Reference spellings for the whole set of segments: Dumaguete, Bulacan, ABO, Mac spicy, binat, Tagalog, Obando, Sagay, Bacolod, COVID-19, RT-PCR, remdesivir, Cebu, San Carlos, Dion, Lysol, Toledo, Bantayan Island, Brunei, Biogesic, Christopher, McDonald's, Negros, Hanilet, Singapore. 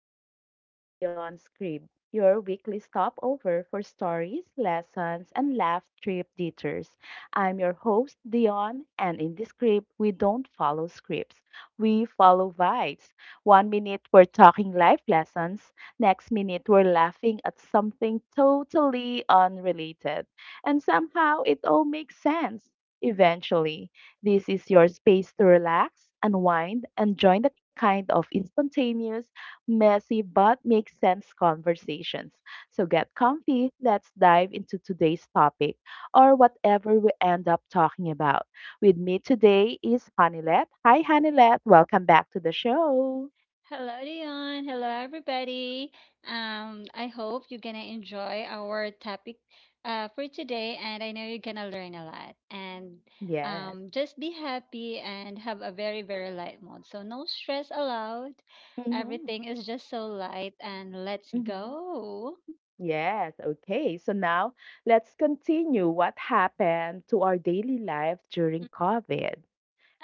Welcome back to the On Script, your weekly stopover for stories, lessons, and laugh trip detours. I'm your host, Dion, and in this script, we don't follow scripts. We follow vibes. One minute, we're talking life lessons. Next minute, we're laughing at something totally unrelated. And somehow, it all makes sense eventually. This is your space to relax, unwind, and join the kind of instantaneous, messy, but makes sense conversations. So get comfy, let's dive into today's topic or whatever we end up talking about. With me today is Hanilet. Hi, Hanilet. Welcome back to the show. Hello, Dion. Hello, everybody. I hope you're gonna enjoy our topic for today, and I know you're gonna learn a lot. And Yes. Just be happy and have a very, very light mode. So no stress allowed. Mm-hmm. Everything is just so light, and let's Mm-hmm. go. Yes. Okay. So now let's continue what happened to our daily life during COVID.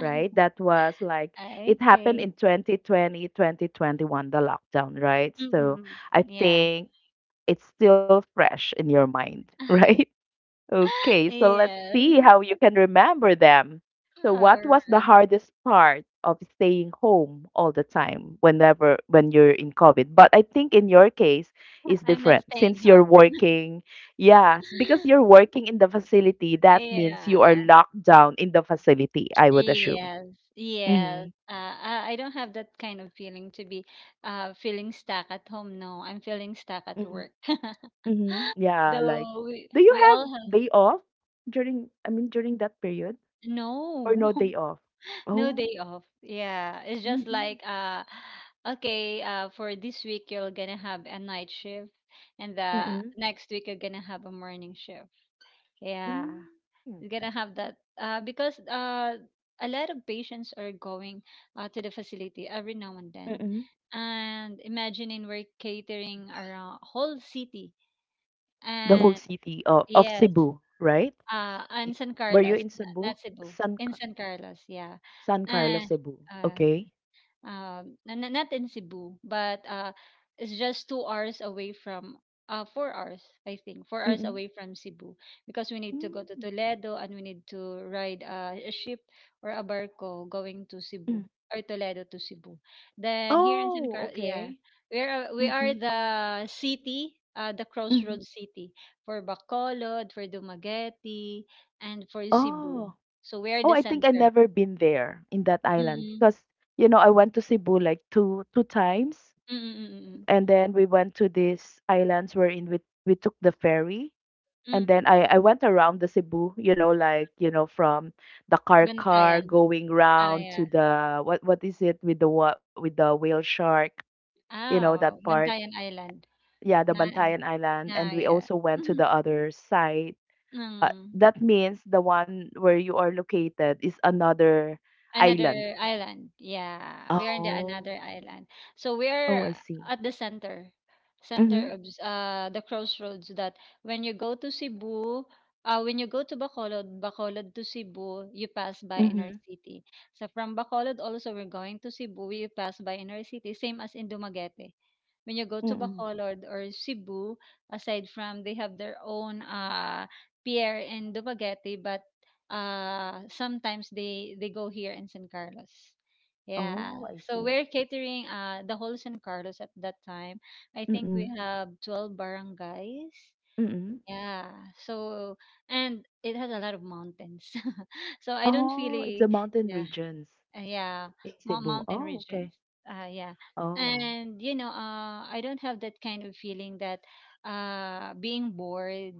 Right? That was like, it happened Okay. in 2020, 2021, the lockdown, right? So Mm-mm. I Yeah. think it's still fresh in your mind, right? Okay, so let's see Yes. how you can remember them. So what All was the right. hardest part of staying home all the time whenever when you're in COVID? But I think in your case is I'm not different staying since you're home. working. Yes, because you're working in the facility, that means Yeah. you are locked down in the facility, I would assume. Yes, yes. Mhm, I don't have that kind of feeling to be feeling stuck at home. No, I'm feeling stuck at mhm, work. mhm, yeah, like, Though we, do you we have all have day off during, I mean, during that period, or no, no day off? no Oh, day off. Yeah, it's just mhm, like okay, for this week you're gonna have a night shift, and the mhm, next week you're gonna have a morning shift. Yeah. mm, mhm. We're gonna have that because a lot of patients are going to the facility every now and then. Hmm. And imagining we're catering around whole city The whole and city of yes, Cebu, right? Y- and San Were you Carlos, in Cebu? not Cebu, San in Ca- San Carlos, yeah, San Carlos, and Cebu. uh, Okay. Not in Cebu, but it's just 2 hours away from 4 hours, I think, 4 hours Mhm. away from Cebu because we need to go to Mm. Toledo and we need to ride a ship or a barco going to Hmm. Cebu or Toledo to Cebu. Then here in San Oh, Carlos, yeah, okay. we are Mhm, the city. The mhm. crossroads city for Bacolod, for Dumaguete, and for Cebu. Oh. So we are Oh, the I think I center. never been there in that island Mm-mm, because, you know, I went to Cebu like two times, mm-mm, and then we went to these islands wherein we took the ferry, and mm-mm. then I went around the Cebu, you know, like, you know, from the car Bantayan, going ah, round to yeah. the what is it with the what with the whale shark, you know, Ah, that oo, part. Bantayan Island Yeah, the na Bantayan Island, na, and we yeah. also went to Mhm, the other side. Hmm. That means the one where you are located is another island. Another island. Yeah, we are in the Oh. another island. So we Oh, are I see. at the center, center Mhm, of the crossroads that when you go to Cebu, when you go to Bacolod, Bacolod to Cebu, you pass by inner mhm, city. So from Bacolod also we're going to Cebu, you pass by inner city, same as in Dumaguete. When you go to mm. Bacolod or Cebu, aside from they have their own pier in Dumaguete, but sometimes they go here in San Carlos. Yeah. Oh, I So see. we're catering the whole San Carlos at that time. I think we Mm, have 12 barangays. mm. Yeah. So and it has a lot of mountains. So I don't Oh, it's really the mountain yeah, regions uh, yeah, in Cebu. mountain Oh, okay. regions. Yeah. Oh. And you know, I don't have that kind of feeling that being bored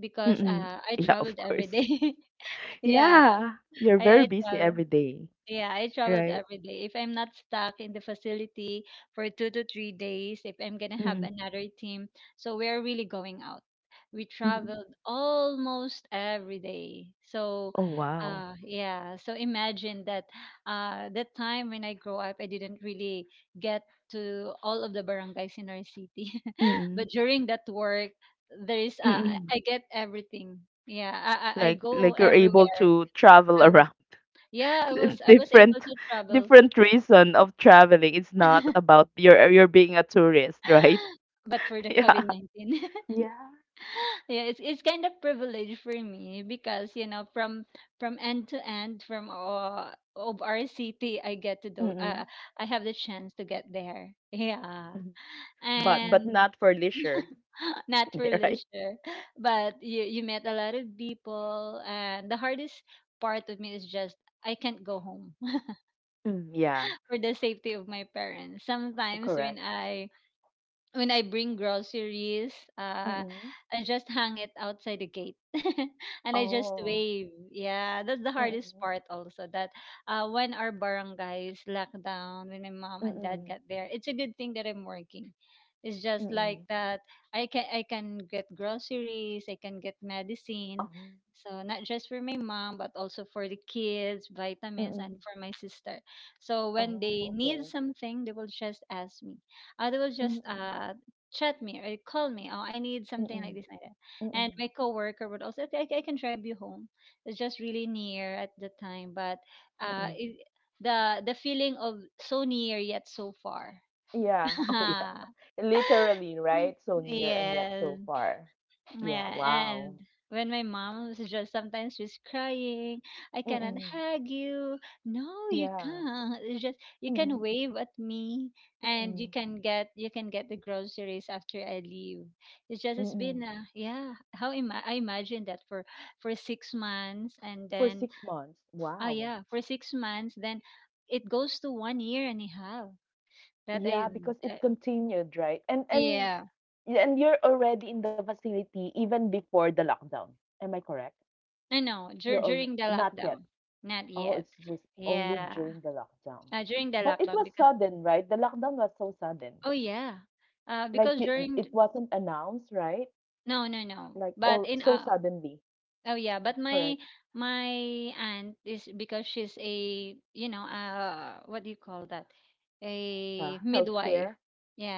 because Mm. I Yeah, of traveled every course. day. Yeah. Yeah, you're I, very I busy travel. every day, Yeah, I traveled right? every day. If I'm not stuck in the facility for 2 to 3 days, if I'm gonna have Mm, another team, so we're really going out. We mm. traveled almost every day. So, Oh, wow. Yeah. So imagine that. That time when I grow up, I didn't really get to all of the barangays in our city, Mm, but during that work, there is. Uh, I mm. I get everything. Yeah, I Like go like you're able everywhere. to travel around. Yeah, I was I was able Different to travel. different reason of traveling. It's not about you're being a tourist, right? But for the Yeah. COVID-19. Yeah. Yeah, it's kind of privilege for me because, you know, from end to end from of our city, I get to do Mm-mm. I have the chance to get there. Yeah. Mhm. But And not for leisure, not for right? leisure, but you met a lot of people and the hardest part of me is just I can't go home Mm, yeah, for the safety of my parents. Sometimes when correct. I when I bring groceries, uh, Mm-mm. I just hang it outside the gate and I just Oh. wave. Yeah, that's the hardest Mm-mm. part also. That when our barangay is locked down, when my mom and dad Mm-mm. got there, it's a good thing that I'm working. It's just like Mm-mm. that. I can get groceries. I can get medicine. Oh. So not just for my mom, but also for the kids, vitamins, Mm-mm. and for my sister. So when Oh, they need okay. something, they will just ask me they will just Mm-mm. Chat me or call me. Oh, I need something like Mm-mm. this, like that. And Mm-mm. my coworker would also, okay, I can drive you home. It's just really near at the time, but uh, Mm-mm. it, the feeling of so near yet so far. Yeah. Oh, yeah. Literally, right? So near and yet Yes, so far. Yeah. yeah, and Wow. when my mom was just sometimes she's crying, I cannot Mm-mm. hug you. No, you Yeah. can't. It's just you can Mm-mm. wave at me and Mm-mm. You can get the groceries after I leave. It's just it's been Mm-mm. Yeah, I imagine that for 6 months and For then 6 months. oh Wow. yeah, for 6 months then it goes to 1 year and a half that I Yeah, because it uh, continued, right? And yeah, yeah, and you're already in the facility even before the lockdown. Am I correct? I know You're alre during the not yet. lockdown. Not Oh, yet. it's just only Yeah. during the lockdown. During the But it lockdown was because sudden, right? The lockdown was so sudden. oh yeah. Like Because you, it wasn't announced, right? no, no, no. Like But all in so uh suddenly. Oh yeah, but my Correct. my aunt is because she's a you know what do you call that? A midwife. Healthcare.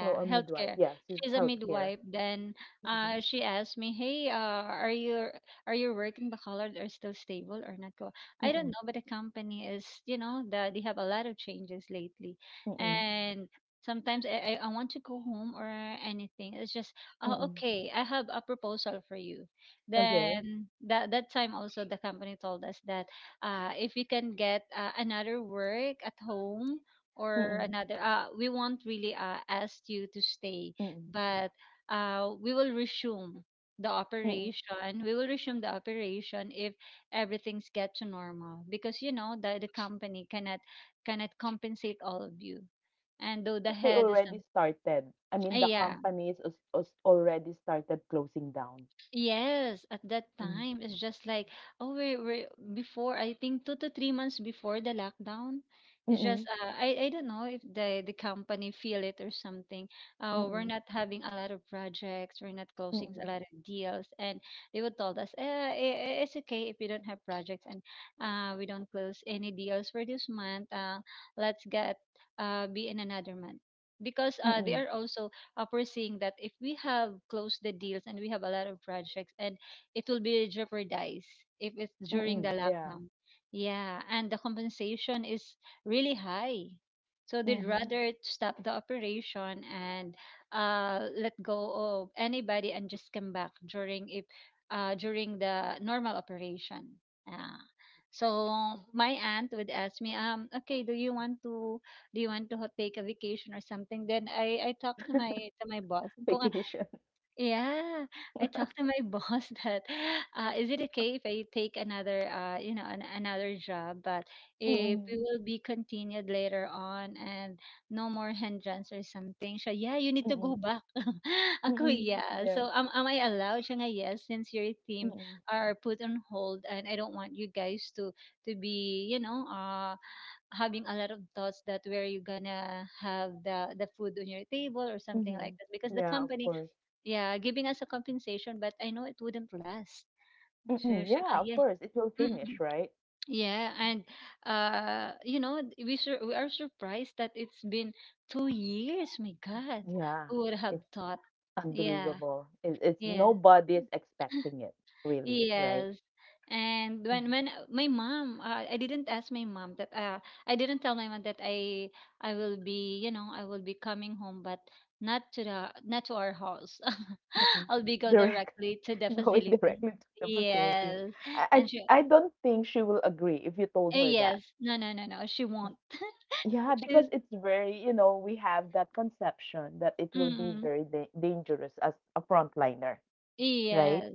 Oh, a midwife. healthcare. Yeah, she's She's a healthcare. midwife. Then Mm-mm. She asked me, "Hey, are you working baccalaureate or still stable or not go?" I don't Mm-mm. know, but the company is, you know, they have a lot of changes lately. Mm-mm. And sometimes I want to go home or anything. It's just, "Oh, Mm-mm. okay, I have a proposal for you." Okay. Then that time also the company told us that if you can get another work at home or Mm-mm. another we won't really ask you to stay Mm-mm. but we will resume the operation if everything's get to normal because you know that the company cannot compensate all of you and though the They head is already started. I mean, the yeah. companies is already started closing down. Yes, at that Mm. time, it's just like, we're before, I think 2 to 3 months before the lockdown. It's just, Mm-mm. I don't know if the company feel it or something. We're Mm-mm. not having a lot of projects, we're not closing Mm-mm. a lot of deals. And they would told us, it's okay if you don't have projects and we don't close any deals for this month. Let's get, be in another month. Because they Mm-mm. are also up we that if we have closed the deals and we have a lot of projects and it will be jeopardized if it's during the Mm-mm. Yeah. lockdown yeah and the compensation is really high so they'd Mm-hmm. rather stop the operation and let go of anybody and just come back during if during the normal operation yeah. So my aunt would ask me okay do you want to ho take a vacation or something? Then I talked to my boss. Kung ko Vacation. yeah, I talked to my boss that, "Is it okay if I take another, you know, an another job, but if it Mm-mm. will be continued later on and no more hindrance or something?" Siya, "Yeah, you need to Mm-mm. go back." Ako, Mm-mm. "Yeah." Yeah. So, am I allowed? Siya nga, "Yes, since your team Mm-mm. are put on hold and I don't want you guys to be, you know, having a lot of thoughts that where you gonna have the food on your table or something like that because Mm-hmm. the Yeah, of company course. yeah giving us a compensation but I know it wouldn't last. Sure, Mm-mm. sure, Yeah, of yeah. course. It will Mm-mm. finish, right? Yeah and you know we are surprised that it's been 2 years my god Yeah. who would have It's thought yeah unbelievable. It's yeah. nobody's expecting it, really, right? Yes. And Mm-hmm. when my mom, I didn't ask my mom that I didn't tell my mom that I will be, you know, I will be coming home, but not to the not to our house. Mm-mm. I'll be go Direct directly to the going facility. directly to the facility. Yes. I, And she, I I don't think she will agree if you told her that. yes, no, no, no, no, she won't. Yeah, because She's, it's very, you know, we have that conception that it will be mm, very dangerous as a frontliner, right? yes.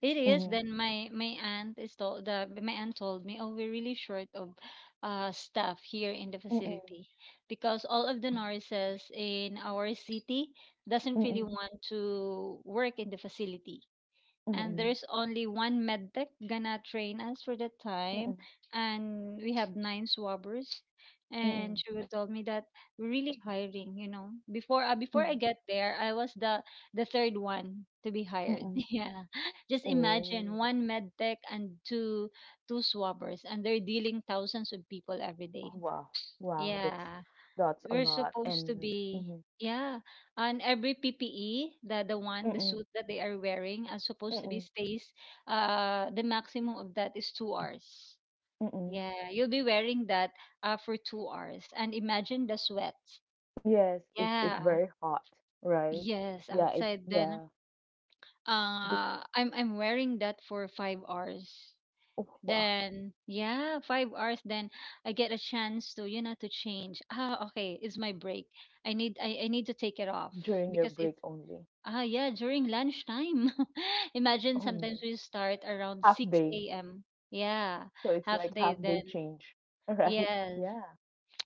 It is. Mm-hmm. Then my aunt is told the my aunt told me, oh, we're really short of staff here in the Mm-mm. facility because all of the nurses in our city doesn't really Mm-mm. want to work in the facility and Mm-mm. there's only one medtech gonna train us for that time Mm-mm. and we have 9 swabbers and Mm-mm. she was told me that we're really hiring you know before before I Mm-mm. get there I was the third one to be hired. Mm-mm. Yeah, just imagine Oh, one medtech and two swabbers and they're dealing thousands of people every oh, day wow. Wow, that's yeah that's a we're lot. supposed to And be Mm-mm. yeah on every PPE the one the Mm-mm. suit that they are wearing are supposed to be Mm-mm. stays the maximum of that is 2 hours Mm-mm. yeah you'll be wearing that for 2 hours and imagine the sweat Yes, it's yeah very hot, right? yes Yeah, it outside then yeah. Be I'm wearing that for 5 hours. Oh, wow. Then yeah, 5 hours. Then I get a chance to you know to change. Ah, okay, it's my break. I need to take it off During your because break it's only. Yeah, during lunchtime. Imagine Oh no. sometimes we start around Half day. 6 a.m. Yeah, So it's half like half day. day Then change, right? yes, Yeah.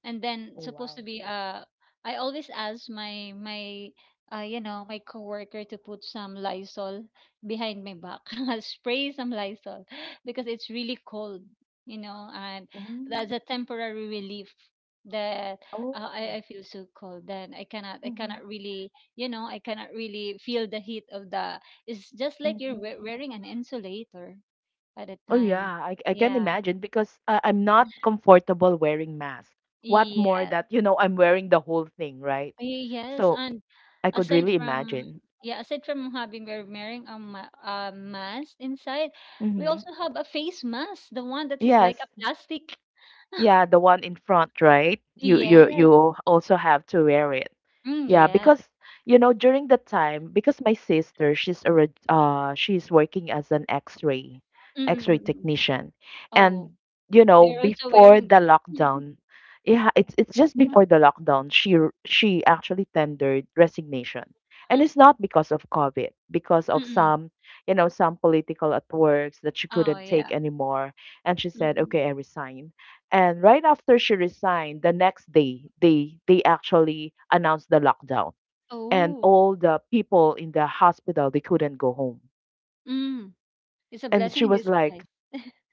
and then Oh supposed to wow. be, I always ask my my you know my coworker to put some Lysol behind my back. I'll spray some Lysol because it's really cold, and that's Mm. a temporary relief that Oh. I feel so cold. Then i cannot i Mm-hmm. cannot really, I cannot really feel the heat of the... It's just like you're Mm-hmm. Wearing an insulator at a Oh time. yeah, I can Yeah. imagine because I'm not comfortable wearing mask. What more Yes. that, you know, I'm wearing the whole thing, right? Yes, So and I could aside really from, imagine. yeah, aside from having, we're wearing a mask inside. We Mm-hmm. also have a face mask, the one that is like Yes. a plastic. Yeah, the one in front, right? You you Yes. you also have to wear it. Mm, Yeah, yeah. because you know during the time because my sister she's working as an X-ray Mm-mm-mm. technician, Oh, and you know they're also before wearing the that. lockdown, yeah, it's just before the lockdown she actually tendered resignation, and it's not because of COVID, because of Mm-mm. some, you know, some political at works that she Oh, couldn't yeah. take anymore, and she said, Mm-mm. okay, I resign. And right after she resigned, the next day, they actually announced the lockdown. And Oh, all the people in the hospital, they couldn't go home. mm. It's a And blessing she in was disguise. like,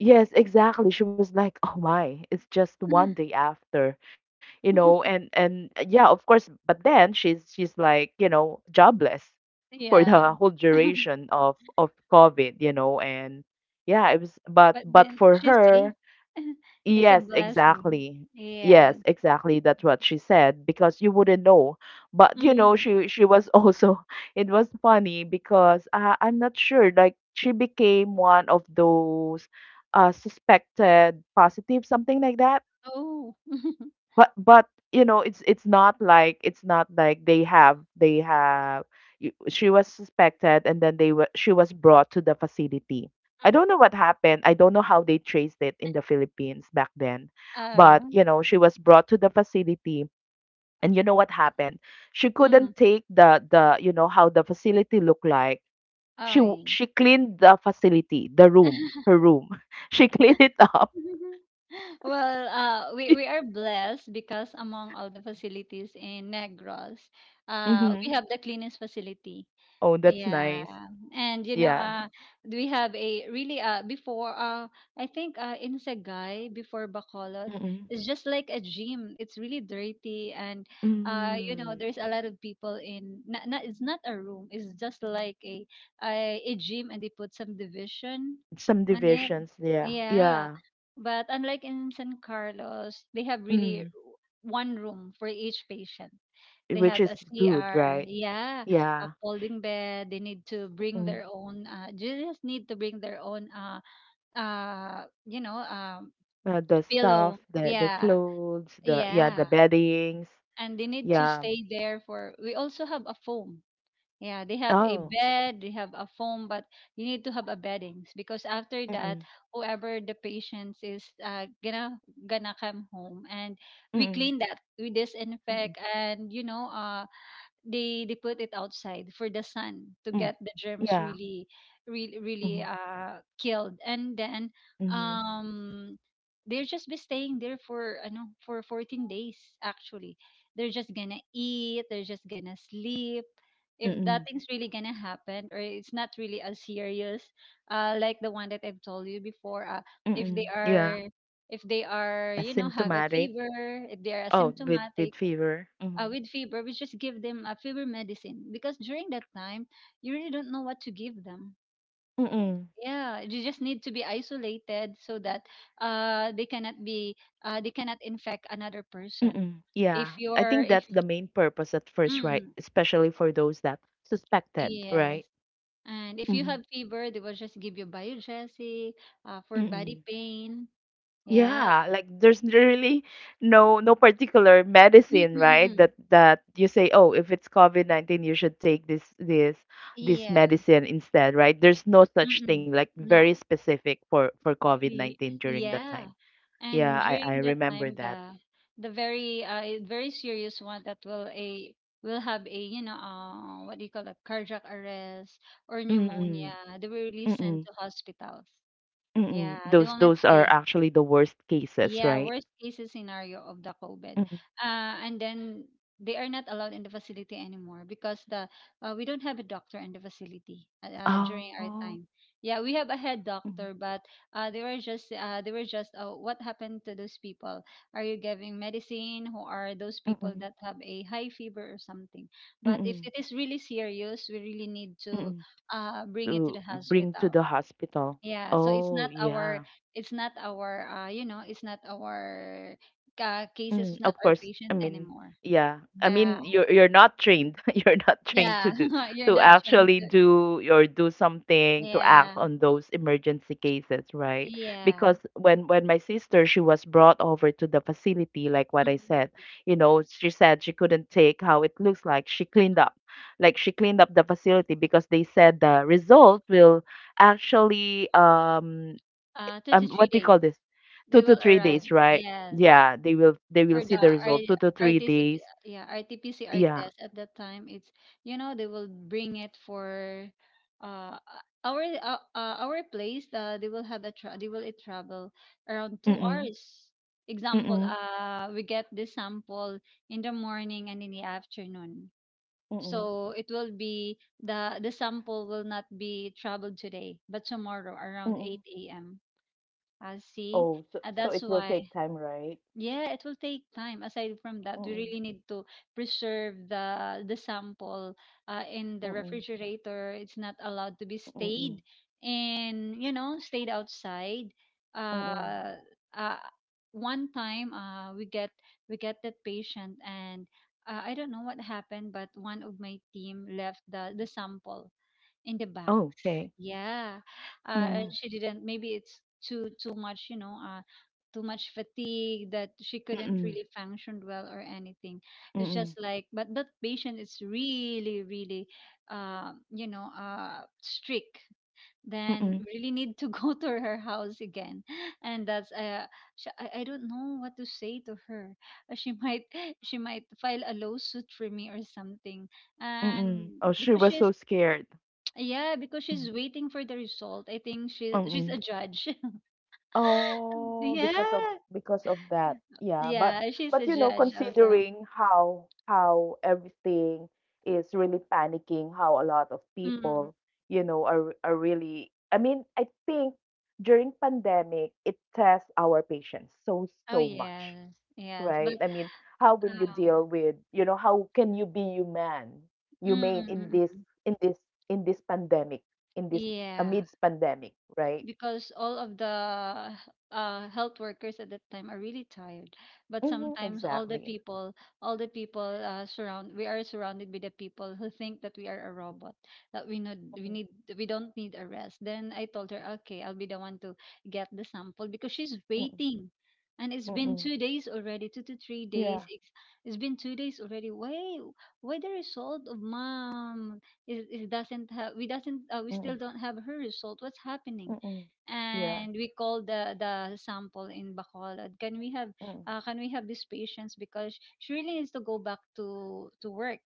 Yes, exactly. She was like, Oh my, it's just one day after, you know, and and yeah, of course, but then she's like, you know, jobless for Yeah. the whole duration of COVID, you know, and yeah, it was, but But but then for she's safe. her, It's a Yes, blessing. exactly. Yes, Yeah. exactly. That's what she said because you wouldn't know. But you know, Mm. she was also it was funny because I'm not sure, like she became one of those suspected positive something like that, Oh. but you know it's not like they have she was suspected, and then they were she was brought to the facility. I don't know what happened. I don't know how they traced it in the Philippines back then, but, Oh. you know, she was brought to the facility. And, you know, what happened, she Mm. couldn't take the you know how the facility looked like. Okay. She cleaned the facility, the room, her room. She cleaned it up. Well, we are blessed because among all the facilities in Negros, we Hmm. have the cleanest facility. Oh, that's Yeah. nice. And, Yeah. We have a really, before, I think, in Sagay before Bacolod, it's just like a gym. It's really dirty, and Mm, there's a lot of people in... not, not it's not a room. It's just like a a gym, and they put some division some on it. divisions, yeah. Yeah. Yeah. But unlike in San Carlos, they have really Mm, one room for each patient. They which have a is good, CR. right? Yeah, Yeah. upholding bed, they need to bring Mm, their own, they just need to bring their own, uh you know um the pillow. stuff, the Yeah, clothes, the, yeah, the yeah. beddings. And they need to Yeah. stay there for, we also have a foam. Yeah, they have a Oh. bed, they have a foam, but you need to have a beddings because after that, Mm-mm. whoever the patients is, gonna come home, and we Mm-mm. clean that, we Mm-mm. disinfect, and they put it outside for the sun to Mm. get the germs Yeah. really, really, Mm-hmm. really killed. And then, Mm-hmm. um they're just be staying there for, I know, for 14 days. Actually, they're just gonna eat, they're just gonna sleep if Mm-mm. nothing's really gonna happen, or it's not really as serious, like the one that I've told you before. If Mm-mm. they Yeah. are if they are have a Asymptomatic. fever, if they are Oh, with asymptomatic. fever. Mm-hmm. With fever, we just give them a fever medicine because during that time, you really don't know what to give them. Mm-mm. Yeah, you just need to be isolated so that they cannot be, they cannot infect another person. Mm-mm. Yeah. If I you're think if that's the main purpose at first, right? Mm, Especially for those that suspected, yes, right? and if you Mhm. have fever, they will just give you Biogesic, for body Mm-mm. pain. Yeah. Yeah, like there's really no particular medicine, right? That Mm-mm-mm. that you say, oh, if it's COVID-19, you should take this Yeah. medicine instead, right? There's no such thing, Mm-mm. like very No. specific for Y- COVID-19 during that time. Yeah. Yeah, And I during I that remember time, that. the very, very serious one that will have a, what do you call it, cardiac arrest or pneumonia, Mm-mm. they will really sent Mm-mm. to hospitals. Yeah, Mm-mm. they Those will not those are stay. actually the worst cases, Yeah, right? worst case scenario of the COVID. Mm-mm. And then they are not allowed in the facility anymore because, the we don't have a doctor in the facility, during our Oh. time. Yeah, we have a head Mm-mm. doctor, but, they were just, what happened to those people? Are you giving medicine? Who are those Mm-mm. people that have a high fever or something? But Mm-mm. if it is really serious, we really need to, Mm-mm. Bring it to To the bring to the hospital. hospital. Yeah, so it's Oh, not yeah. our it's not our it's not our, cases, Mm, it's not of our course. I patients mean, anymore. yeah. I Yeah. mean, you're not trained. You're not trained Yeah. You're to not trying actually to... do or do something to act Yeah. on those emergency cases, right? Yeah. Because when my sister she was brought over to the facility, like what I Mhm. said, you know, she said she couldn't take how it looks like. She cleaned up, like she cleaned up the facility because they said the result will actually 2 to 3 what do you days. call this? They Two to will three arrive. days, right? Yes. Yeah, they will For the see the result. Two to three RTCP, days. yeah, RT-PCR Yeah. test at that time, it's... they will bring it for, uh our place. They will travel around two Mm-mm. hours. Example, Mm-mm. We get the sample in the morning and in the afternoon. Mm-mm. So it will be the sample will not be traveled today, but tomorrow Mm-mm. around 8 a.m. I Oh, see. so so it That's will why, take time, right? yeah, it will take time. Aside from that, we Mm-mm. really need to preserve the sample, in the Mm-mm. refrigerator. It's not allowed to be Mm-mm. stayed and, stayed outside. Mm-mm. Uh, uh, One time, we get that patient, and, I don't know what happened, but one of my team left the sample in the back, Oh, okay. yeah, and Mm-mm. she didn't. Maybe it's too much, too much fatigue that she couldn't Mm-mm. really function well or anything. It's just Mm-mm. like, but that patient is really, really, strict. Then Mm-mm. we really need to go to her house again, and that's sh I don't know what to say to her. She might she might file a lawsuit for me or something, and Mm-mm. Oh, she because was she's so scared. yeah, because Mm-hmm. she's waiting for the result. I think she's a Mm-mm. judge. Oh, because of Yeah. because of that. Yeah, but Yeah, she's but a you know, judge also. considering how everything is really panicking, how a lot of Mm. people, you know, are really, I mean, I think during pandemic, it tests our patience so Oh so much, yes, yes. right? But, I mean, how will you uh, deal with, you know, how can you be human, mm, humane mm, mm, mm. in this in this pandemic, in this Yeah, amidst pandemic, right? because all of the, health workers at that time are really tired, but Mm-hmm, sometimes all the exactly. people all the people surround we are surrounded by the people who think that we are a robot, that, Mm-hmm. We don't need a rest. Then I told her, okay, I'll be the one to get the sample because she's Mm, waiting, and it's been mm. 2 days already, 2 to 3 days, Yeah. it's been 2 days already. Why the result of mom, it doesn't have, we still Mm, don't have her result, what's happening? mm. Yeah. And we call the sample in Bacolod. Can we have, Mm. This patience because she really needs to go back to work.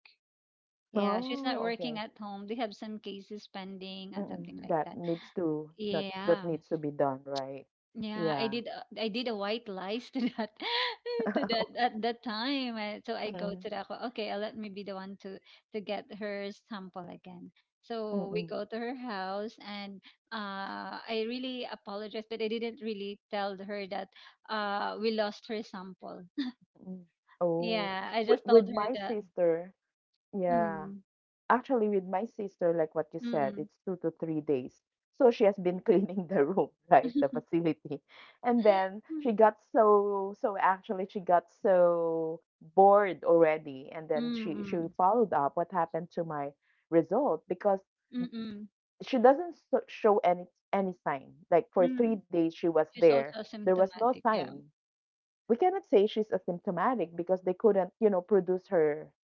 Yeah, she's not Oh, working okay. at home. They have some cases pending and something Mm, like that. that needs to that Yeah. that needs to be done, right? Yeah, I Yeah. did, a white lies to that to that at that time. So I go to Mm, that. Okay, let me be the one to get her sample again. So mm, we mm. go to her house, and, I really apologized, but I didn't really tell her that, we lost her sample. Mm. Oh, Yeah, I with, just told her with my that. sister, yeah. Mm, Actually, with my sister, like what you mm, said, mm, it's 2 to 3 days. So she has been cleaning the room, right? The facility. And then mm, she got so, actually she got so bored already. And then she mm, followed up what happened to my result because mm. she doesn't show any, sign. Like for Mm. 3 days she was She's there, also there was no asymptomatic. Yeah. sign. We cannot say she's asymptomatic because they couldn't produce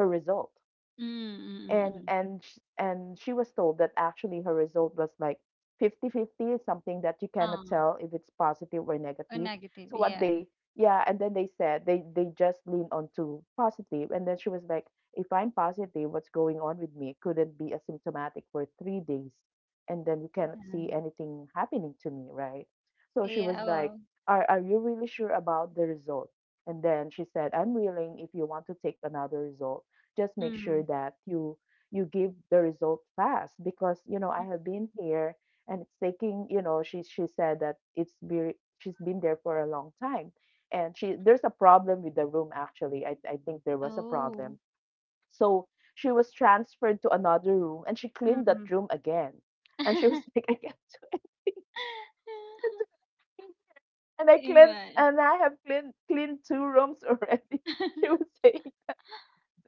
her result Mm, mm, mm. and Mm. and sh- and she was told that actually her result was like 50 50 something, that you cannot Ah. tell if it's positive or Oh, negative. negative, So what yeah. they Yeah, and then they said they just lean onto positive, to positive. And then she was like, if I'm positive, what's going on with me? Couldn't be asymptomatic for 3 days and then you cannot see Mhm. anything happening to me, right? So she was Yeah, like, well, are you really sure about the result? And then she said, I'm willing, if you want to take another result, just make mm, sure mm. that you give the result fast because, you know, I have been here and it's taking, you know. She said that she's been there for a long time. And she there's a problem with the room. Actually, I think there was a Oh, problem, so she was transferred to another room and she cleaned mm-mm. that room again. And she was like, I can't do it. And I cleaned, Amen. and I have cleaned two rooms already. She was saying, she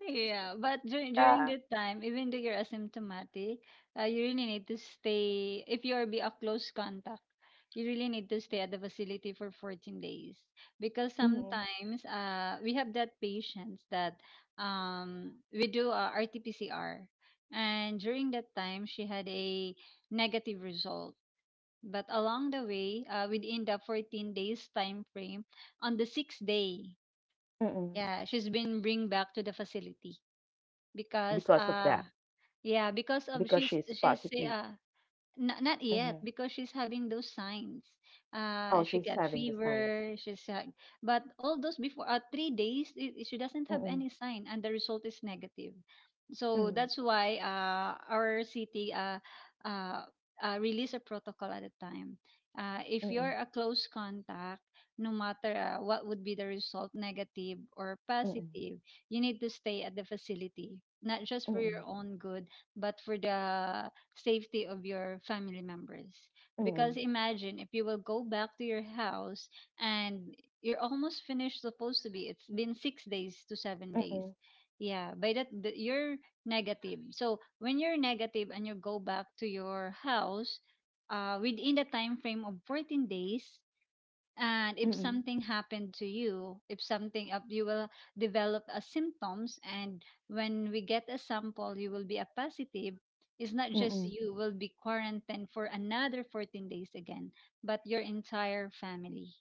was like, Yeah, but during yeah. that time, even though you're asymptomatic, you really need to stay. If you are be a close contact, you really need to stay at the facility for 14 days because sometimes, we have that patients that, we do a rt, and during that time she had a negative result. But along the way, within the 14 days time frame, on the sixth day, Hmm. yeah, she's been bring back to the facility because, Because of that. Yeah because of Because she's she's she's positive. uh not yet because she's having those signs. Oh, She she's got having the signs. fever. She's But all those before, 3 days, I she doesn't have Mm, any sign and the result is negative. So mm, that's why, our city, uh, released a protocol at the time. If you're mm, a close contact, no matter, what would be the result, negative or mm, positive, you need to stay at the facility, not just mm, for your mm, own good, but for the safety of your family members. Because mm, imagine, if you will go back to your house and you're almost finished supposed to be, it's been 6 days to 7 mm, days. mm, Yeah, by that you're negative. So when you're negative and you go back to your house, within the time frame of 14 days, and if mm, something happened to you, if something up you will develop a symptoms. And when we get a sample, you will be a positive. It's not mm, just mm. you will be quarantined for another 14 days again, but your entire family.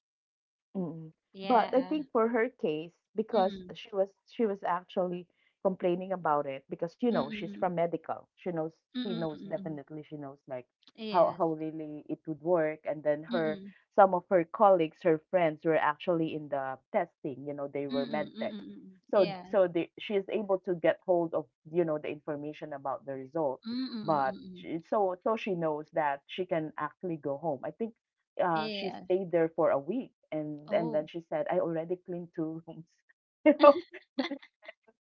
Mm. But Yeah. I think for her case, because Mm-mm. she was actually complaining about it, because you know, she's Mm-mm. from medical. She knows, she Mm-mm. knows, Mm-mm. definitely she knows, like how Yes. how really it would work. And then her, Mm-mm. some of her colleagues, her friends were actually in the testing. You know, they were med Mm-mm. tech. Mm-mm. So Yeah. She is able to get hold of, you know, the information about the result. But Mm-mm. she, so she knows that she can actually go home. I think she Yes. stayed there for a week, and then Oh. she said, I already cleaned two rooms. You know, it's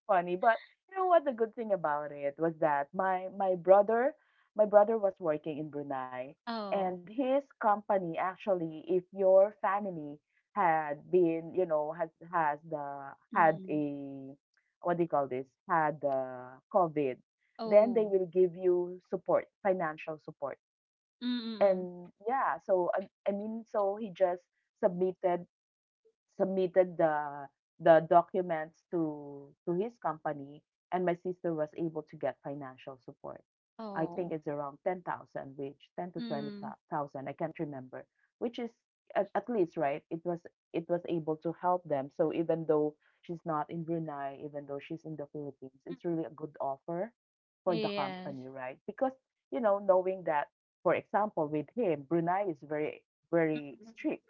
funny. But you know Mm. what, the good thing about it was that my brother, my brother was working in Brunei, Oh. and his company actually, if your family had been, you know, has the had Mm-mm. a, what do you call this, had the COVID, then they Oh. will give you support, financial support. Mm-mm. And yeah, I mean, so he just submitted submitted the documents to his company, and my sister was able to get financial support. I think Oh. it's around 10,000, which 10 to Mm. 20,000, I can't remember, which is at least, right? It was able to help them. So even though she's not in Brunei, even though she's in the Philippines, Mm. it's really a good offer for the Yes. company, right? Because, you know, knowing that, for example, with him, Brunei is very, Mm, very mm. strict,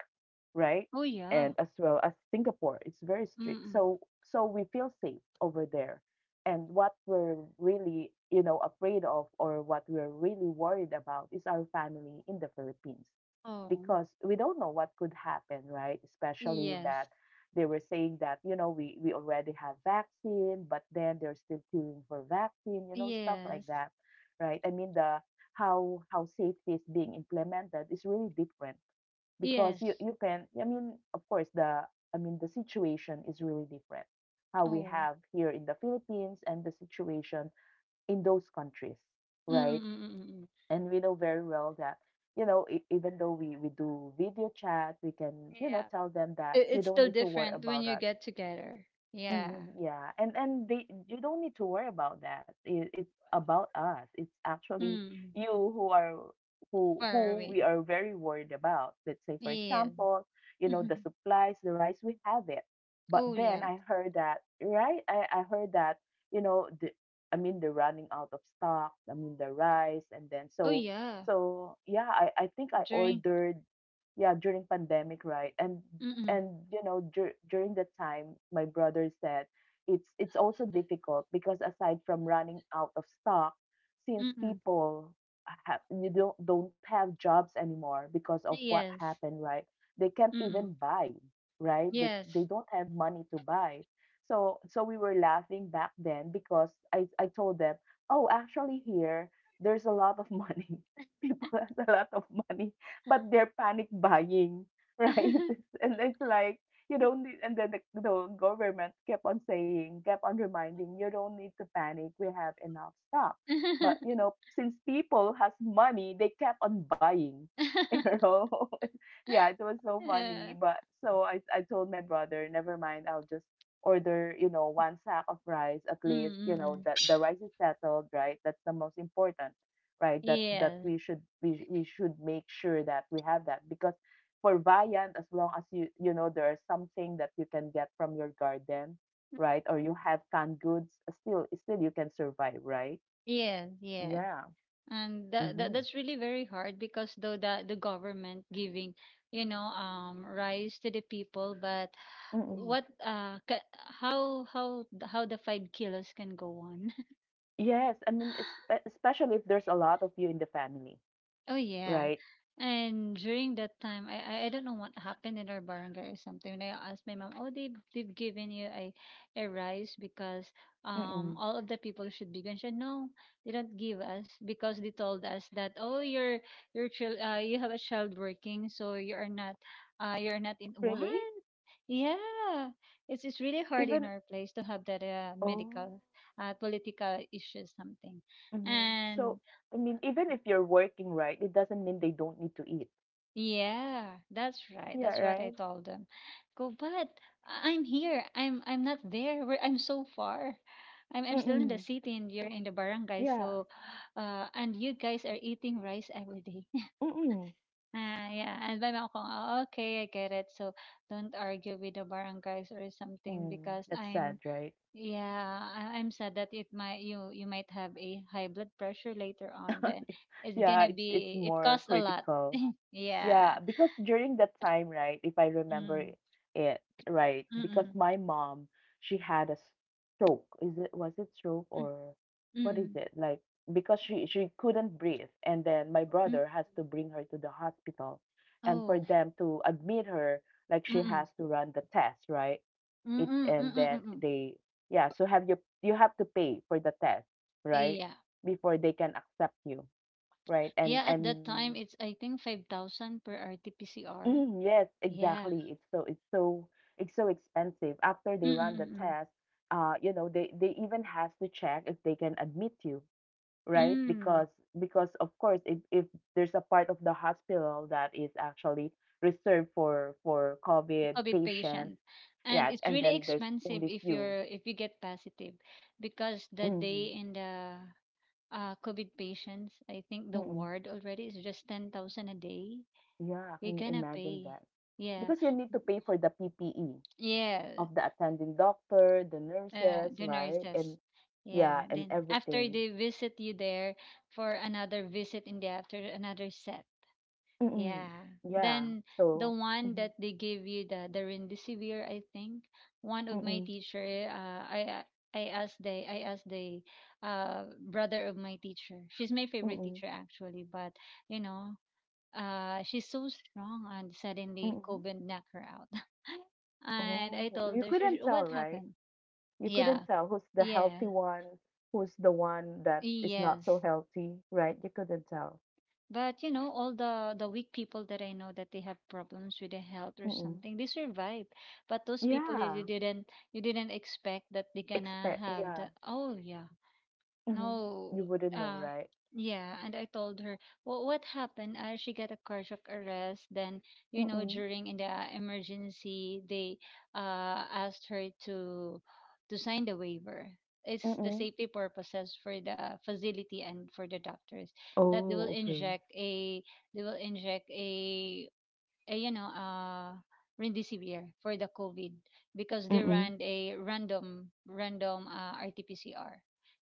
right? Oh, And yeah. as well as Singapore, it's very strict. Mm-mm. So we feel safe over there. And what we're really, you know, afraid of, or what we're really worried about is our family in the Philippines, Oh, because we don't know what could happen, right? Especially that yes. they were saying that, you know, we already have vaccine, but then they're still queuing for vaccine, you know, stuff like Yes. that, right? I mean, the how safety is being implemented is really different, because you Yes. you can I mean of course the I mean, the situation is really different, how we Oh. have here in the Philippines, and the situation in those countries, right? Mm-mm-mm-mm. And we know very well that, you know, even though we do video chat, we can, you Yeah. know, tell them that It, you it's don't still need to worry different when about you us. get together. Yeah. Mhm, yeah. And they you don't need to worry about that. It's about us. It's actually Mm. you who are, who Far who we away. are very worried about. Let's say, for Yes. example, you know, the Mhm. supplies, the rice, we have it. But Oh, then yes. I heard that, right? I heard that, you know, the I mean, they're running out of stock, I mean, the rice. And then Oh, so yeah. so yeah, I think I During. ordered, yeah, during pandemic, right? and Mm-mm. and you know, during that time my brother said, it's also difficult, because aside from running out of stock, since Mm-mm. people have, you don't have jobs anymore because of what Yes. happened, right? They can't Mm-mm. even buy, right? They Yes. don't have money to buy. So we were laughing back then because I told them, oh, actually here there's a lot of money. People has a lot of money, but they're panic buying, right? And it's like, you don't need. And then the government kept on saying, kept on reminding, you don't need to panic. We have enough stock. But you know, since people has money, they kept on buying. You know, yeah, it was so funny. Yeah. But I told my brother, never mind, I'll just order, you know, one sack of rice at least. You know, Mm-mm. that the rice is settled, right? That's the most important, right? That Yes. We should make sure that we have that, because for Viant, as long as you, you know, there is something that you can get from your garden, right? Or you have canned goods, still you can survive, right? Yes. Yes. Yeah. And that, that Mm-hmm. that's really very hard because though the government giving, rise to the people, but Mm-mm. what uh ca- how the 5 kilos can go on. Yes, I mean, especially if there's a lot of you in the family, Oh yeah. right? And during that time, I don't know what happened in our barangay or something. And I asked my mom, "Oh, they've given you a rice because Mm-mm. All of the people should be gone." She said, "No, they don't give us because they told us that, oh, your child, you have a child working, so you are not, you are not in, Really? what?" Yeah, it's really hard Even. in our place to have that, Oh. medical, political issue something, Hmm. So, and. I mean, even if you're working, right, it doesn't mean they don't need to eat. Yeah, that's right. Yeah, That's what right? I told them. Go, but I'm here. I'm not there. Where I'm so far. I'm still in Mm-mm. the city and you're in the barangay. Yeah. So, and you guys are eating rice every day. Mm. Ah, yeah. And by mom ko, "Ah, okay, I get it. So don't argue with the barangays or something Mm, because that's sad, I'm right? yeah, I'm sad that it might, you might have a high blood pressure later on. Then it's Yeah, gonna it's be, it more costs a lot. critical. Yeah. Yeah, because during that time, right, if I remember Mm. It, right, because Mm, my mom, she had a stroke. Is it, was it stroke hmm, or mm. what is Mm-mm. it? Like, because she couldn't breathe, and then my Mm. brother has to bring her to the hospital, and for Oh, them to admit her, like she mm, has to run the test, right? it mm, and mm, then mm. they Yeah, so have you, you have to pay for the test, right, Yeah. before they can accept you, right? and Yeah, at that and time it's I think 5,000 per RT-PCR. mm, yes, Yeah. exactly. It's so expensive. After they Mm, run the mm, mm. test, uh, you know, they even has to check if they can admit you, right? because Mm. because of course, if there's a part of the hospital that is actually reserved for COVID COVID patients. patient. And Yeah, it's and really then there's expensive only if few. you're if you get positive because the Mm. day in the, COVID patients, I think the Mm-mm. ward already is just 10,000 a day. Yeah, You're can you gonna imagine pay. that? Yeah. Because you need to pay for the PPE Yeah. of the attending doctor, the nurses, The right? And nurses. yeah, Yeah, and then after everything. they visit you there for another visit in the after another set. Mm-mm. Yeah. Yeah. Then the So, one mm-mm, that they give you the, rendisivir, I think one of my mm-mm, teacher, I, I asked the, brother of my teacher. She's my favorite mm-mm, teacher actually, but you know, she's so strong and suddenly mm-mm. COVID knocked her out. And I Oh, told you her, "She- couldn't tell, what right? happened?" You Yeah, couldn't tell who's the yeah. healthy one, who's the one that is not so Yes. healthy, right? You couldn't tell. But you know, all the, weak people that I know that they have problems with their health or Mm-mm. something, they survive. But those people, you, Yeah. You didn't expect that they gonna Expect. have Yeah. the, oh yeah, Mm-hmm. You no. wouldn't know, Uh, right? yeah, and I told her, well, what happened? She got a cardiac arrest. Then, you know, Mm-mm, during in the emergency, they, asked her to, sign the waiver. It's the mm-mm. safety purposes for the facility and for the doctors that they will Oh, okay. inject a, they will inject a, a, you know, rendicivir for the COVID because they Mm. ran a random, RT-PCR,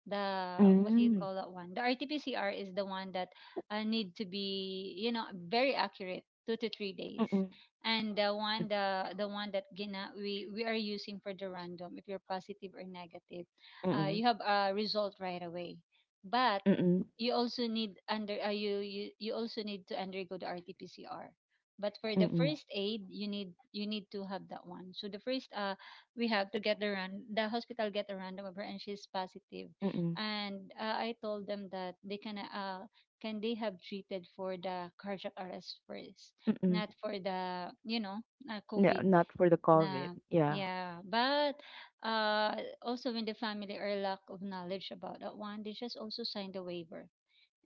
the what do you Mm. call that one? The RT-PCR is the one that, need to be, you know, very accurate, 2 to 3 days. Mm. And the one, the one that gina we are using for the random, if you're positive or negative, Mm. you have a result right away. But Mm. you also need under, you, you also need to undergo the RT-PCR. But for the Mm. first aid, you need to have that one. So the first, we have to get the run, the hospital get a random of her, and she's positive, Mm. and, I told them that they can, can they have treated for the cardiac arrest first, Mm. not for the, you know, No, COVID not for the COVID. na Yeah. yeah. But, uh also when the family are lack of knowledge about that one, they just also signed the waiver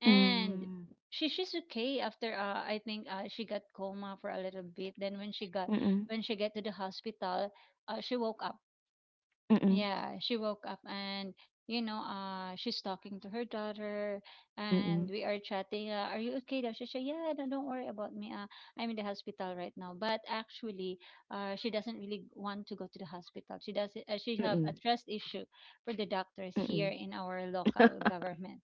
and. Mm. She, she's okay after, I think, she got coma for a little bit. Then when she got, Mm. when she get to the hospital, she woke up, Mm. yeah, she woke up and, you know, she's talking to her daughter, Mm. and we are chatting. Are you okay? Daw? She said, "Yeah, no, don't worry about me. I'm in the hospital right now." But actually, she doesn't really want to go to the hospital. She does. She have Mm. a trust issue for the doctors Mm. here in our local government.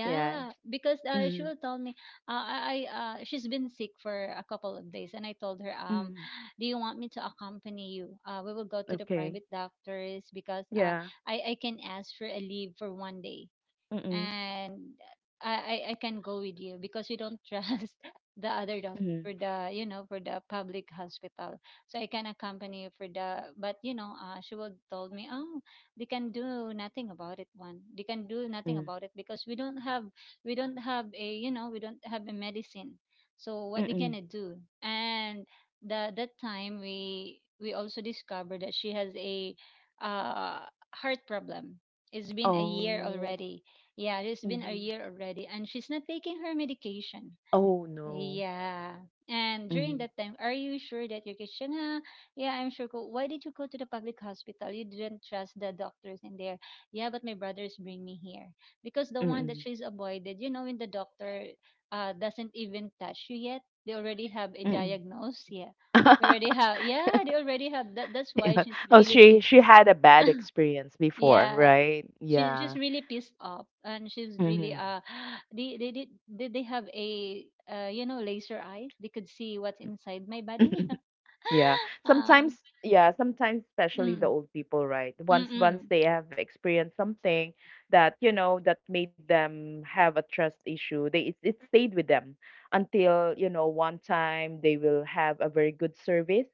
Yeah. because, she Mm. will tell me, she's been sick for a couple of days, and I told her, Mm. do you want me to accompany you, we will go to the Okay. private doctors because, Yeah. I can ask for a leave for one day, Mm. and I can go with you because we don't trust the other dogs Mm. for the, you know, for the public hospital. So I can accompany you for the, but you know, she will told me, oh, they can do nothing Mm. about it because we don't have, a you know, we don't have a medicine. So what they Mm. gonna do? And the, that time we also discovered that she has a, uh, heart problem. It's been a year Oh. already, yeah, it's been a Mhm. year already, and she's not taking her medication. Oh no. Yeah. And during Mm. that time, are you sure that your Christian? Yeah, I'm sure. Ko, why did you go to the public hospital? You didn't trust the doctors in there. Yeah, but my brothers bring me here because the one that Mm. she's avoided, you know, when the doctor, doesn't even touch you yet, they already have a Mm. diagnosis. Yeah, they already have. Yeah, they already have. That. That's why Yeah. she's Oh, really pissed. she had a bad experience before, Yeah, right? She's Yeah. really pissed off, and she's really, Mm-hmm. They did they have a, you know, laser eyes? They could see what's inside my body. Yeah. Uh, Sometimes, yeah, sometimes, especially the mm, old people, right? mm, Once mm, they have experienced something that, you know, that made them have a trust issue, they, it stayed with them until, you know, one time they will have a very good service,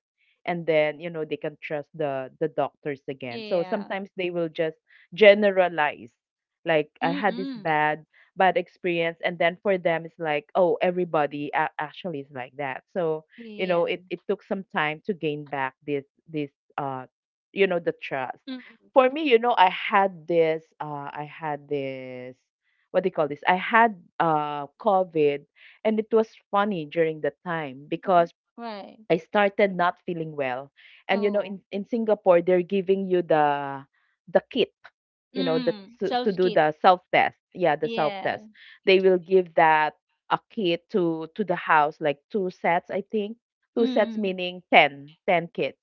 and then, you know, they can trust the doctors again. So yeah, sometimes they will just generalize, like I mm, had this mm, bad bad experience, and then for them it's like, oh, everybody, actually is like that. So you know, yeah, it took some time to gain back this uh, you know, the trust. mm, mm. For me, you know, I had this, uh, what do you call this, I had uh, COVID, and it was funny during the time, because Right. I started not feeling well. And you know, Oh, in Singapore, they're giving you the kit, you know, the, mm, to self do kit. the self test, yeah, the self Yeah, test. They will give that a kit to the house, like two sets, I think, two sets mm, meaning 10 kits.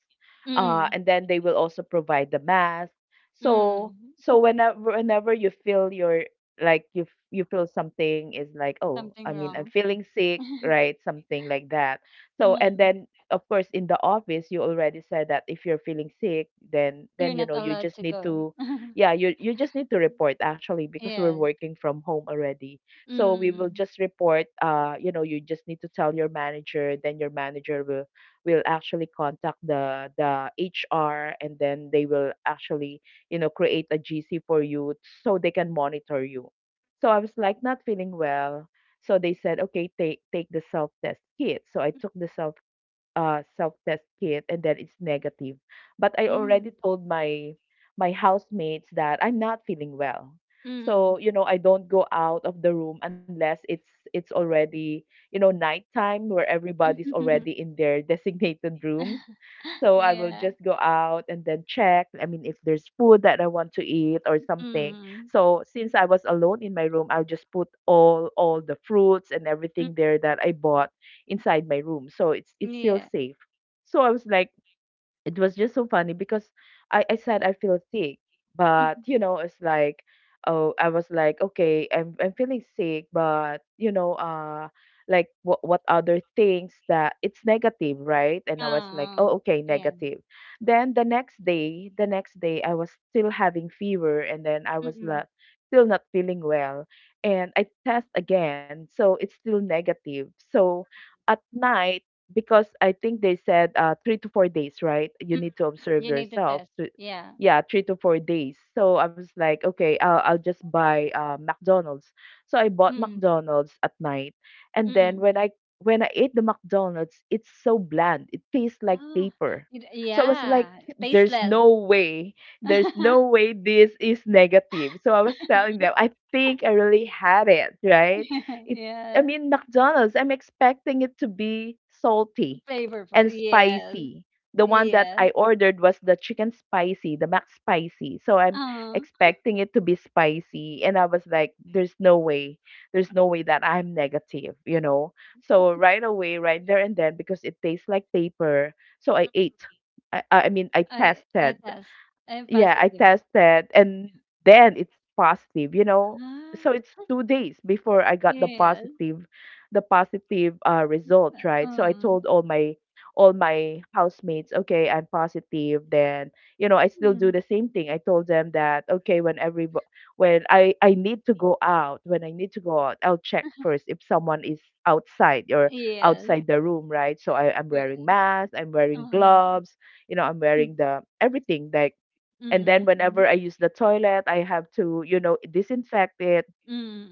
Uh, mm, and then they will also provide the mask. So, mm. Whenever you feel your, like, you feel something, is like, oh, Something I mean, I'm wrong. feeling sick, right, something like that. So, and Mm, then of course, in the office, you already said that if you're feeling sick, then you're you not know, you allowed just to need go. to, yeah, you just need to report, actually, because we're Yeah. working from home already. So we will Mm, just report, uh, you know, you just need to tell your manager, then your manager will actually contact the HR, and then they will actually, you know, create a GC for you, so they can monitor you. So I was like, not feeling well. So they said, okay, take the self test kit. So I took the self, self-test kit, and then it's negative. But I already mm, told my, my housemates that I'm not feeling well. So, mm. you know, I don't go out of the room unless it's already, you know, nighttime, where everybody's already in their designated rooms. So I will Yeah. just go out and then check. I mean, if there's food that I want to eat or something. Mm. So since I was alone in my room, I'll just put all the fruits and Mm, everything there that I bought inside my room. So it's still yeah. safe. So I was like it was just so funny because I said I feel sick, but you Mhm. know, it's like, oh, I was like, okay, I'm feeling sick, but you know, like what other things that it's negative, right? And I was like, Oo, oh, okay, yeah. negative. Then the next day, I was still having fever, and then I Mm, was not mm. still not feeling well, and I test again, so it's still negative. So at night because I think they said 3 to 4 days, right? You need to You observe need to yourself. test. To, Yeah. yeah, 3 to 4 days. So I was like, okay, I'll just buy McDonald's. So I bought Mm, McDonald's at night, and then mm. when I ate the McDonald's, it's so bland. It tastes like Ah, paper. it So I was like, yeah, there's tasteless. no way, there's no way this is negative. So I was telling them, I think I really had it, right? It I Yes. mean, McDonald's, I'm expecting it to be salty Flavorful. and Yes. spicy. The one that Yes. I ordered was the chicken spicy, the Mac spicy. So I'm uh expecting it to be spicy. And I was like, there's no way. There's no way that I'm negative, you know? So right away, right there and then, because it tastes like paper. So I ate. I mean, I I tested. test. I'm Yeah, I positive. tested and then it's positive, you know. So it's Ah, 2 days before I got yes. The positive result, right? So I Mm, told all my housemates, okay, I'm positive. Then, you know, I still do mm. the same thing. I told them that okay, when I need to go out, when I need to go out, I'll check first if someone is outside or Yes. outside the room, right? So I'm Re wearing mask, I'm wearing mm. gloves, you know, I'm Mm, wearing the everything like and then mm, mm. whenever I use the toilet, I have to, you know, disinfect it,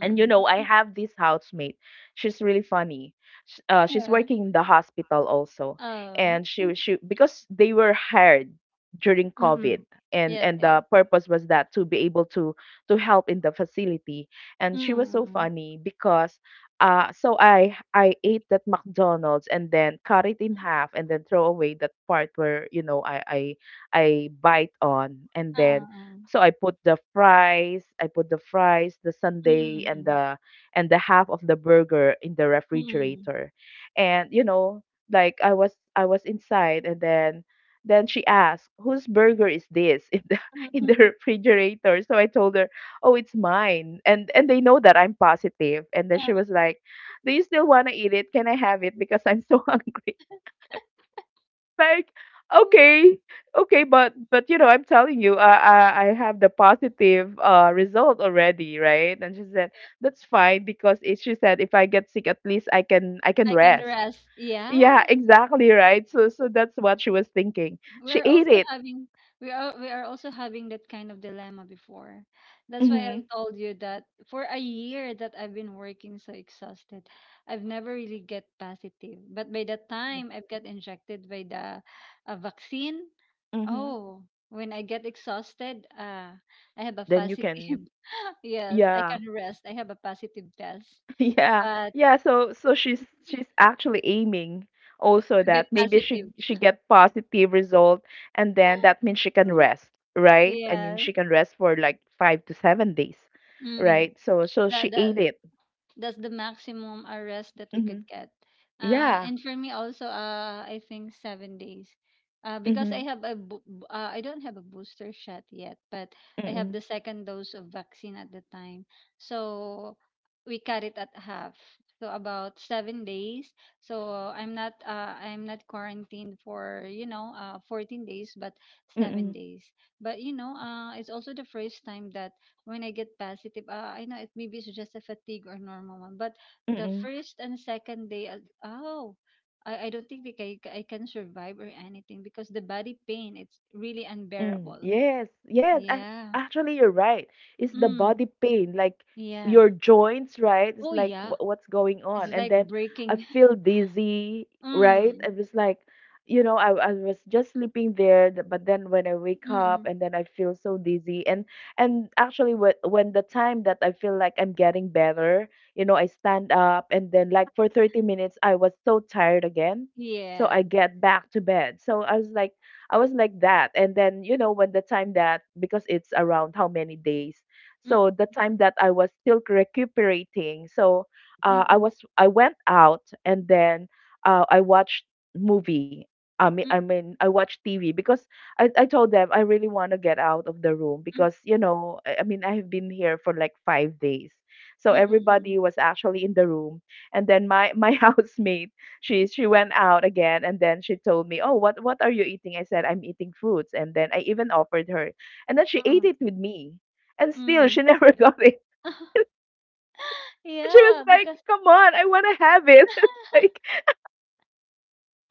and you know, I mm. have this housemate. She's really funny. She's Yeah. working in the hospital also, Oh, and she because they were hired during Mm. COVID, and Yes, and yes. the purpose was that to be able to help in the facility. And she Mm, was so mm. funny because, so I ate that McDonald's and then cut it in half and then throw away that part where you know I bite on and then Oo. so I put the fries, the Mm, sundae, mm. And the half of the burger in the Mm. refrigerator. And you know, like I was inside and then she asked, "Whose burger is this in the Oh, in the refrigerator?" So I told her, "Oh, it's mine." And they know that I'm positive. And then she was like, "Do you still want to eat it? Can I have it because I'm so hungry?" like okay okay but you know I'm telling you I have the positive result already, right? And she said okay. that's fine because it, she said if I get sick at least I can I can rest. rest. Yeah, Yeah. exactly, right? So so that's what she was thinking. She We're ate also it. having we are also having that kind of dilemma before. That's why I Mm-hmm, told you that for a year that I've been working so exhausted, I've never really get positive. But by the time I've got injected by the, vaccine, mm-hmm. oh, when I get exhausted, I have a Then you positive. can, Yes, I yeah. can rest. I have a positive test. Yeah, But yeah. So so she's actually aiming also to get that maybe she positive, she get positive result and then that means she can mm, rest, right? I mean yeah, she can rest for like 5 to 7 days, mm-mm. right? So so That she that ate it. that's the maximum arrest that we could Hmm. get. Yeah. And for me also, I think 7 days, because Mm-hmm. I have a I don't have a booster shot yet, but I have Mm-mm. the second dose of vaccine at the time, so we cut it at half. So about 7 days. So I'm not, I'm not quarantined for, you know, 14 days, but seven Mm-mm. days. But you know, it's also the first time that when I get positive, I know it maybe it's just a fatigue or normal one. But the Mm-mm. first and second day, oh, I don't think like I can survive or anything because the body pain, it's really Mm, unbearable. yes, yes. Yeah. Actually, you're right. It's the Mm. body pain, like Yeah. your joints, right? It's Oh, like yeah. What's going It's on, and like then I breaking. feel dizzy, right? I Mm. was like, you know, I was just sleeping there, but then when I wake up, Mm-mm. and then I feel so dizzy, and actually, when the time that I feel like I'm getting better, you know, I stand up, and then like for 30 minutes, I was so tired again, so Yeah. I get back to bed. So I was like that. And then, you know, when the time that, because it's around how many days. Mm. So the time that I was still recuperating. So Mm-mm. I went out and then I watched movie. Mm, I watched TV because I told them I really want to get out of the room mm, because, you know, I mean, I have been here for like 5 days. So Mm-mm. everybody was actually in the room. And then my housemate, she went out again and then she told me, "Oh, what are you eating?" I said, "I'm eating fruits." And then I even offered her. And then she Mm-mm. ate Mm-mm. it with me. And still she Mm-mm. never got it. And she was Yeah, like, because "Come on, I want to have it." like.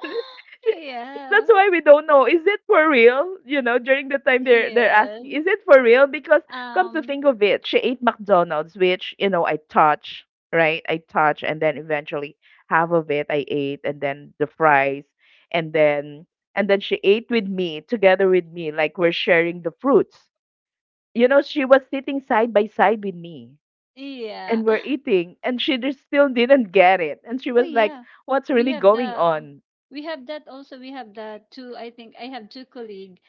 yeah. That's why we don't know. Is it for real? You know, during the time they're Yeah. asking, is it for real? Because come to Um, think of it, she ate McDonald's, which you know I touch, right? I touch, and then eventually half of it I ate, and then the fries, and then and then she ate with me together with me, like we're sharing the fruits. You know, she was sitting side by side with me, yeah. and we're eating, and she just still didn't get it, and she Oh was like, yeah. "What's We really have going the on?" we have that also. We have the two, I think I have two colleague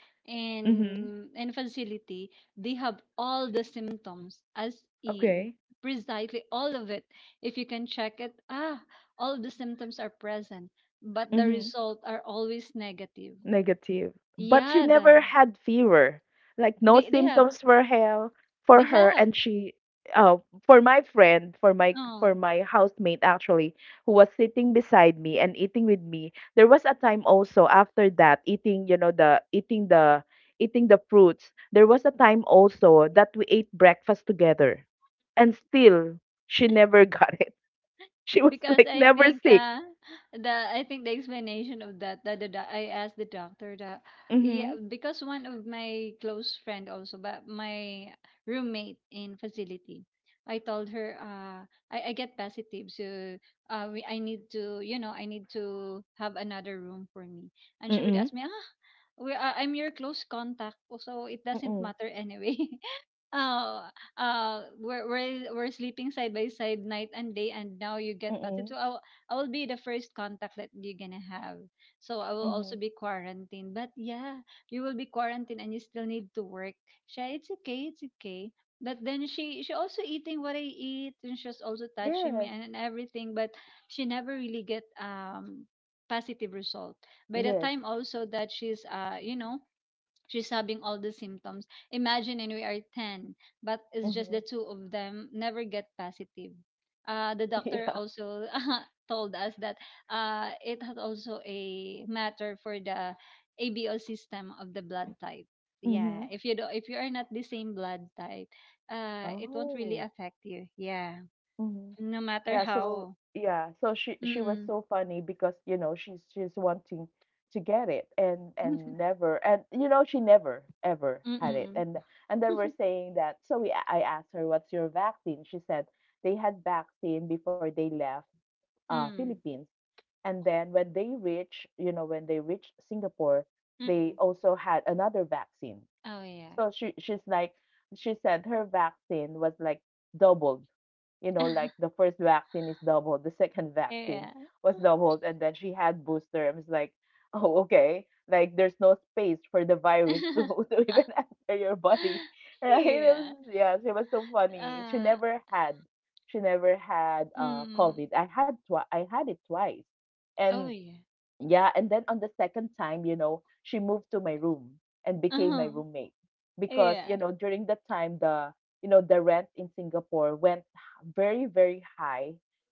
Mm-hmm. In facility. They have all the symptoms as in Okay. precisely all of it. If you can check it, ah, all the symptoms are present, but the Mhm. result are always negative. Negative. But she Yeah, never had fever. Like no they they have symptoms for her. For they her have. and she uh for my friend, Oh. for my housemate actually, who was sitting beside me and eating with me. There was a time also after that eating, you know, the eating the eating the fruits. There was a time also that we ate breakfast together. And still she never got it. She was Because like I never think, sick. The I think the explanation of that, that the doc-, I asked the doctor that, yeah, Mhm. because one of my close friend also, but my roommate in facility, I told her, I get positive, so, I need to, you know, I need to have another room for me, and she would Mhm. ask me, ah, we, I'm your close contact so it doesn't Mhm. matter anyway. Oh, we're sleeping side by side night and day, and now you get patted. Mhm. So I will be the first contact that you're gonna have. So I will Mhm. also be quarantined. But yeah, you will be quarantined, and you still need to work. Siya, it's okay, it's okay. But then she also eating what I eat, and she's also touching me Yes, and everything. But she never really get, positive result. By the yes. time also that she's, you know, she's having all the symptoms. Imagine, and we are 10, but it's just the Mhm. two of them never get positive. The doctor Yeah. also told us that it had also a matter for the ABO system of the blood type. Yeah, Mm-hmm. If you are not the same blood type, it won't really Oh. affect you. Yeah, Mm-hmm. no matter Yeah, so how. yeah, so she was Mm-mm. so funny because you know she's wanting to get it and never and you know she never ever had it Mm-mm. And then we're saying that so we I asked her what's your vaccine. She said they had vaccine before they left Mm. Philippines and then when they reach you know when they reached Singapore they Mm. also had another vaccine. Oh yeah. So she's like she said her vaccine was like doubled. You know, like the first vaccine is doubled, the second vaccine was doubled, and then she had booster. I was like, oh okay, like there's no space for the virus to yeah. to even enter your body, right? It was, Yeah. yeah, she was so funny. Uh, She never had mm. COVID. I had it twice, and Oh, yeah. yeah, and then on the second time, you know, she moved to my room and became my Uh-huh. roommate because, you Yeah. know, during you know, the rent in Singapore very, very high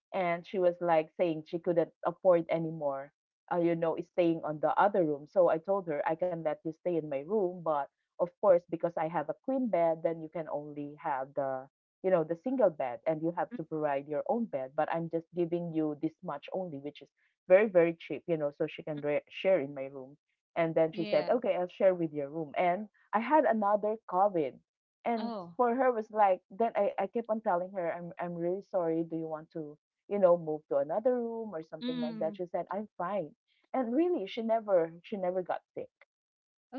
and she was like saying she couldn't afford anymore, you know, is staying on the other room. So I told her I can let you stay in my room, but of course because I have a queen bed, then you can only have the, you know, the single bed and you have Mm, to provide your own bed, but I'm just giving you this much only, which is very, very cheap, you know, so she can share in my room. And then she said, yeah. okay, I'll share with your room. And I had another COVID. And Oh. for her was like, then I kept on telling her, I'm really sorry. Do you want to, you know, move to another room or something like that? Mm. She said, I'm fine. And really, she never got sick Oh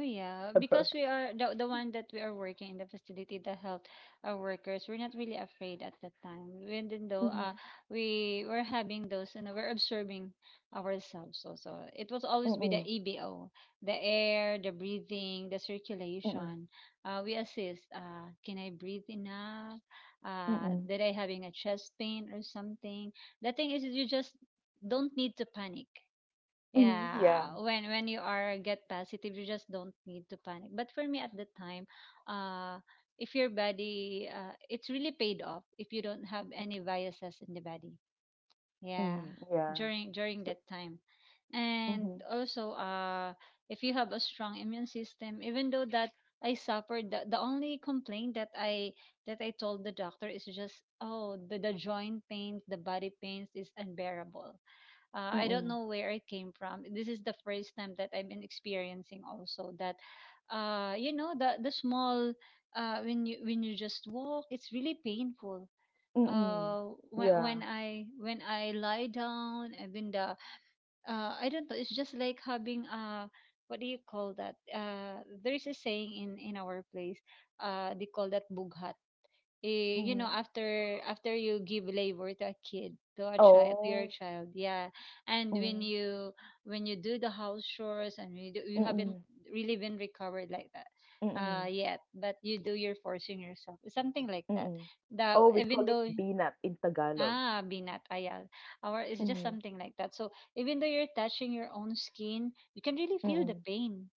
yeah, ever. because we are the one that we are working in the facility, the health workers. We're not really afraid at that time. Even though Mm-hmm. we were having those, and we're observing ourselves also. It will always Mm-mm. be the EBO, the air, the breathing, the Mm-mm. circulation. We assist. Can I breathe enough? Mm-mm. Did I having a chest pain or something? The thing is, you just don't need to panic, Mm-hmm. Yeah. yeah, when you are get positive, you just don't need to panic. But for me at the time, uh, if your body, it's really paid off if you don't have any biases in the body. Yeah, Mm, yeah. during So, that time, Mm-hmm. and also, if you have a strong immune system, even though that I suffered, the only complaint that I told the doctor is just, oh, the joint pains, the body pains is unbearable. I don't Mm-mm. know where it came from. This is the first time that I've been experiencing also that you know the small, when you just walk, it's really painful. Mm-mm. When yeah. When I lie down, I've been the I don't know, it's just like having what do you call that? There's a saying in our place, they call that bughat, eh, you know, Mm-hmm. after you give labor to a kid, to a child, to your Oh. child. Yeah, and when you do the house chores, and you haven't Mm, really been recovered like that, mm, yet, but you do, you're forcing yourself something like that, mm. that Oh, we even call it though binat in Tagalog. ah binat ayal, or it's just Mhm, something like that. So even though you're touching your own skin, you can really feel the mm. pain.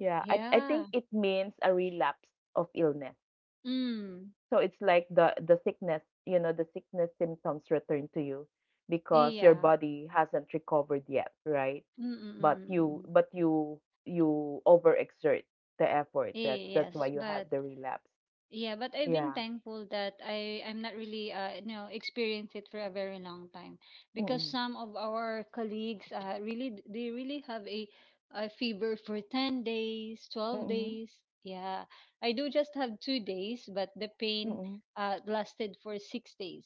Yeah, I Yeah. think it means a relapse of illness. Mm. So it's like the sickness, you know, the sickness symptoms return to you because your Yeah. body hasn't recovered yet, right? Mm mm mm But mm mm. Mm, you overexert the effort. Mm. That's Yes, why you but have the relapse. yeah, but I've been Yeah. thankful that I'm not really you know experienced it for a very long time, because Mm, some of our colleagues they really have a fever for 10 days, 12 mm, days. Yeah. I do just have 2 days, but the pain mm. Lasted for 6 days.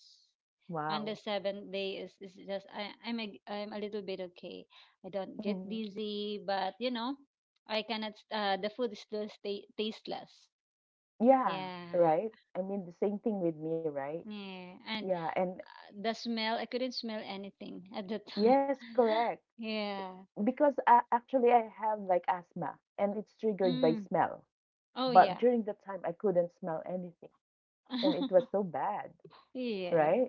And the Wow. seventh day is, just I, I'm a little bit okay. I don't get dizzy, but you know, I cannot, the food is still stay tasteless. Yeah, Yeah. right? I mean, the same thing with me, right? Yeah, and Yeah, and the smell, I couldn't smell anything at the yes, time. correct. Yeah. Because actually, I have like asthma and it's triggered by Mm. smell. Oh, But during yeah. that time, I couldn't smell anything and it was so bad, right? Yeah.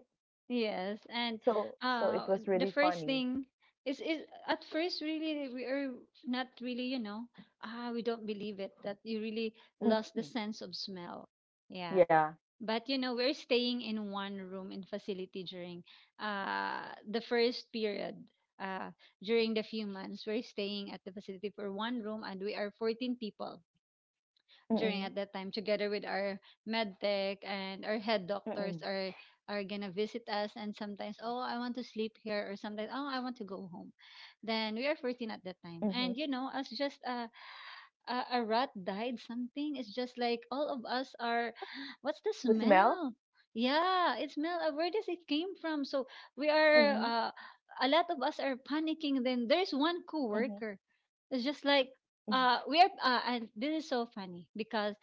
Yes. And So it was uh really the funny. first thing is, at first really, we are not really, you know, ah, we don't believe it that you really Mm-hmm. lost the sense of smell. Yeah. Yeah. But you know, we're staying in one room in facility during the first period. Uh, during the few months, we're staying at the facility for one room, and we are 14 people Mm-hmm. during at that time together with our med tech, and our head Mm-hmm. doctors are gonna visit us, and sometimes oh, I want to sleep here, or sometimes oh, I want to go home. Then we are 14 at Mm-hmm. that time. And you know, as just a rat died something, it's just like all of us are The what's the smell? smell? Yeah, it smell, where does it came from? So we Mm-hmm. are, a lot of us are panicking, then there's one Mm-hmm. coworker. It's just like, we are and this is so funny because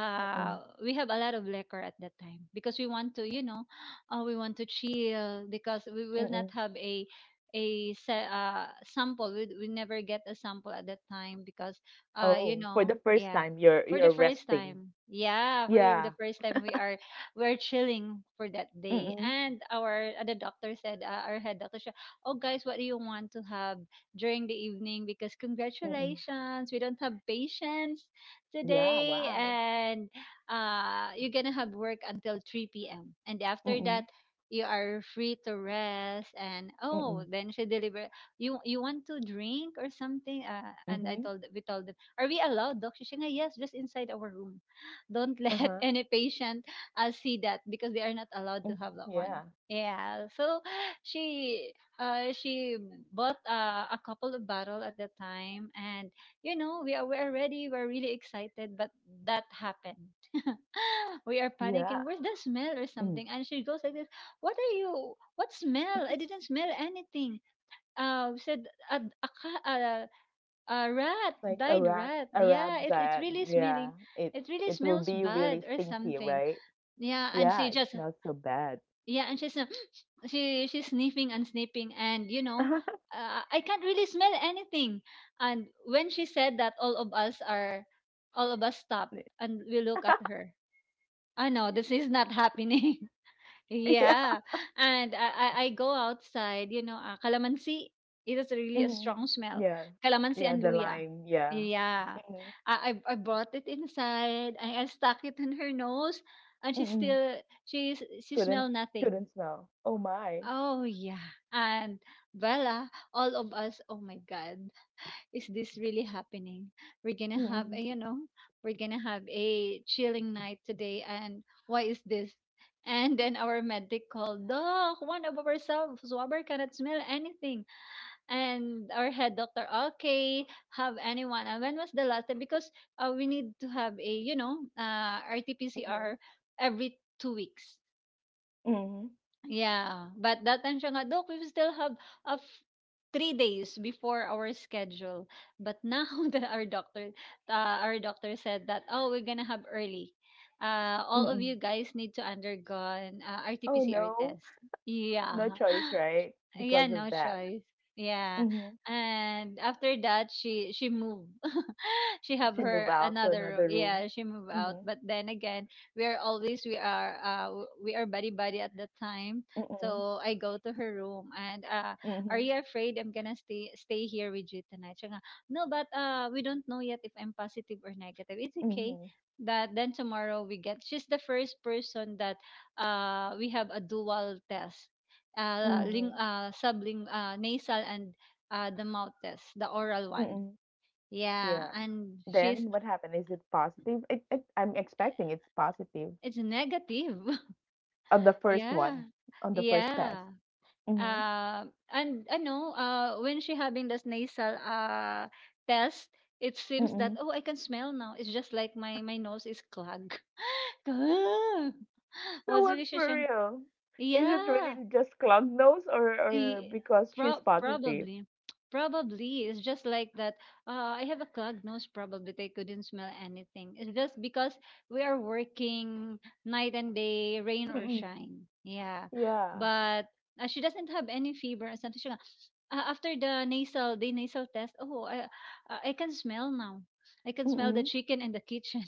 Mm-hmm. Mm-hmm. we have a lot of liquor at that time, because we want to, you know, we want to chill, because we will Mm-hmm. not have a sample. We never get a sample at that time, because you Oh, for the know, first yeah, time, you're for you're the first resting. time, yeah, for Yeah. the first time we are, we're chilling for that day. Mm-mm. And our the doctor said our head doctor said, oh guys, what do you want to have during the evening, because Mm-mm. congratulations, we don't have patience Yeah, today, wow. and you're gonna have work until 3 p.m. And after Mm, that, you are free to rest. And mm, oh, then she delivered, you want to drink or something? And I mhm, told, we told them, are we allowed, doc? She said yes, just inside our room, don't let uh-huh, any patient see that, because they are not allowed mhm. to have that Yeah. one. Yeah, so she, uh, she bought a couple of bottle at the time, and you know, we are ready. We're really excited, but that happened. We are Yeah. panicking. Where's the smell or Mm. something? And she goes like this. What are you? What smell? I didn't smell anything. We said a, a, ca- a, a rat, Like died rat. a rat Yeah, it, it's that, really yeah, smelling. it It really it will smells be really bad or stinky, something. right? Yeah, and Yeah, she it just, smells so bad. yeah, and she's, she she's sniffing and sniffing, and you know, I can't really smell anything. And when she said that, all of us are, all of us stop and we look at her. I know this is not happening. Yeah. Yeah, and I go outside. You know, calamansi. It is really a Mhm. strong smell. Yeah. Calamansi Yeah, and the luya. lime, yeah. Yeah, Mhm, I I brought it inside. I stuck it in her nose, and she mhm. still, she Couldn't smell nothing. couldn't smell. Oh my. Oh yeah. And Bella, all of us, oh my God, is this really happening? We're gonna have a, Mhm, you know, we're gonna have a chilling night today, and why is this? And then our medic called, Doc, one of our swabber cannot smell anything. And our head doctor, okay, have anyone. And when was the last time? Because we need to have a, you know, mhm, RT-PCR every 2 weeks. mhm, Yeah, but that time, siya nga, Dok, we still have a f- 3 days before our schedule. But now that our doctor, uh, said that, oh, we're gonna have early. All of mhm. you guys need to undergo an Oh RTPCR no. test. No Yeah, choice, right? Because yeah, of no that. choice. Yeah, Mm-hmm. and after that, she moved. She She have moved her out to another another room. room. Yeah, she moved out. Mhm, But then again, we are, we are buddy buddy at the time. mm, So I go to her room and, are mhm, you afraid? I'm gonna stay here with you tonight. Siya nga, no, but we don't know yet if I'm positive or negative. It's okay. mhm, That then tomorrow we get. She's the first person that we have a dual test, ling mhm, subling nasal, and the mouth test, the oral one. mm. Yeah, Yeah. and she's, Then what happened? Is it positive? It I'm expecting it's positive it's negative. on the first Yeah. one, on the first test. Yeah. Mhm, Uh, and I know when she having this nasal test, it seems that mm. oh, I can smell now. It's just like my nose is clogged. Ah, So was really what's siya for siyang real? Is it really yeah. just clogged nose, or Eh, because she's positive? probably, it's just like that. I have a clogged nose. Probably they couldn't smell anything. It's just because we are working night and day, rain or Mm. shine. Yeah, Yeah. but she doesn't have any fever. And something. She go, after the nasal test, oh, I can smell now. I can smell the Mm, chicken in the kitchen.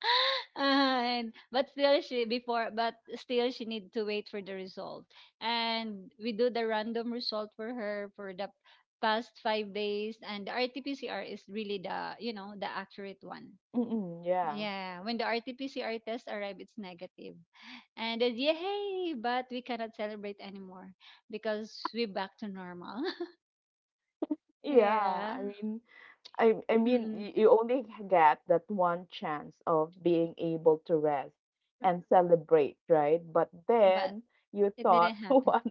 And but still she, before but still she need to wait for the result. And we do the random result for her for the past 5 days, and the rt-pcr is really the, you know, the accurate one. mm. Yeah. Yeah, when the rt-pcr test arrive, it's negative. And then yay, but we cannot celebrate anymore, because we're back to normal. Yeah, I Yeah. mean, I mean, Mm-mm. You only get that one chance of being able to rest and celebrate, right? But But then you it didn't thought, happen. one,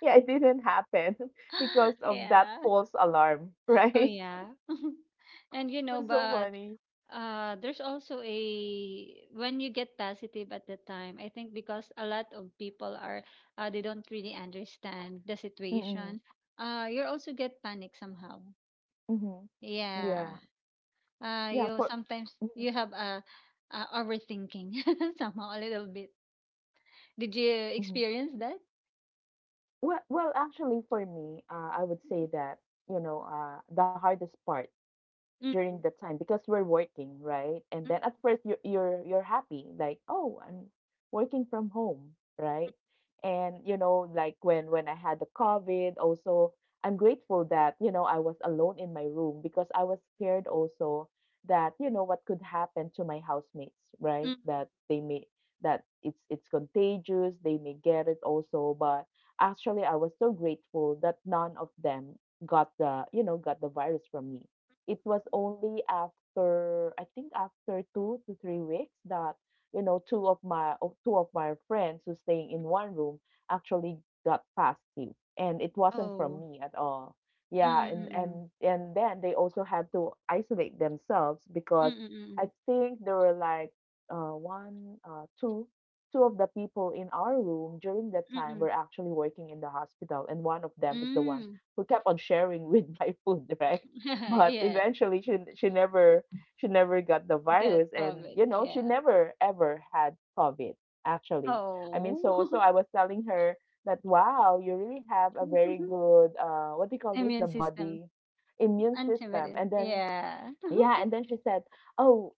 yeah, it didn't happen because of that Yeah. false alarm, Oh right? yeah. And you It know, was so but funny. There's also a, when you get positive at the time, I think, because a lot of people are, they don't really understand the Mm-mm, situation. Uh, you also get panic somehow. mm-hmm. Yeah. Yeah, Uh, yeah. you For sometimes you have a overthinking somehow a little bit. Did you mm-hmm. experience that? Well, for me, I would say that the hardest part during the Mm. time, because we're working, right? And Mm, then at first you're happy, like, oh, I'm working from home, right? And you know, like when I had the COVID, also I'm grateful that, you know, I was alone in my room because I was scared also that, you know, what could happen to my housemates, right? mm. That they may that it's contagious, they may get it also. But actually I was so grateful that none of them got the, you know, got the virus from me. It was only after, I think, after 2 to 3 weeks that, you know, two of two of my friends who staying in one room actually got positive, and it wasn't from Oh. me at all. Mm Yeah, and mm mm. and and then they also had to isolate themselves because I Mm think there were like, one, two, two of the people in our room during that mm time were mm. actually working in the hospital, and one of them is the Mm one mm. who kept on sharing with my food, right? Mm. But Yeah. eventually she never, she never got the Get virus, and COVID, you know yeah. she never ever had COVID actually. I mean, so Oh. I was telling her that wow, you really have a very good, what do you call this, Immune the system, body immune system. antibodies, And then yeah. yeah, and then she said, oh,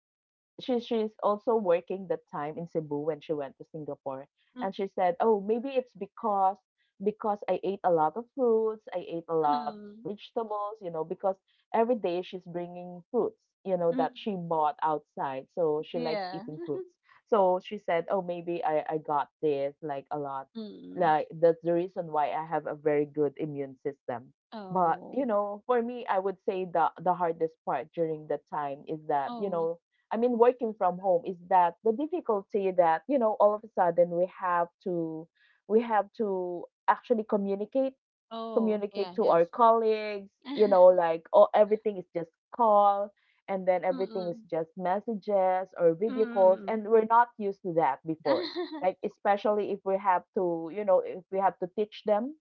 she's also working that time in Cebu when she went to Singapore. Mm, And she said, "Oh, maybe it's because I ate a lot of fruits, I ate a lot of um, vegetables, you know, because every day she's bringing fruits, you know, mm, that she bought outside. So she likes yeah. eating fruits. So she said, "Oh, maybe I got this like a lot. Mm. Like that's the reason why I have a very good immune system." But, you Oh, know, for me, I would say the hardest part during that time is that, you oh, know, I mean, working from home is that the difficulty that, you know, all of a sudden we have to actually communicate, oh, yeah, communicate to yes. our colleagues, you know, like oh, everything is just call, and then everything is Mm-mm. just messages or video calls, Mm-mm. and we're not used to that before. Like especially if we have to, you know, if we have to teach them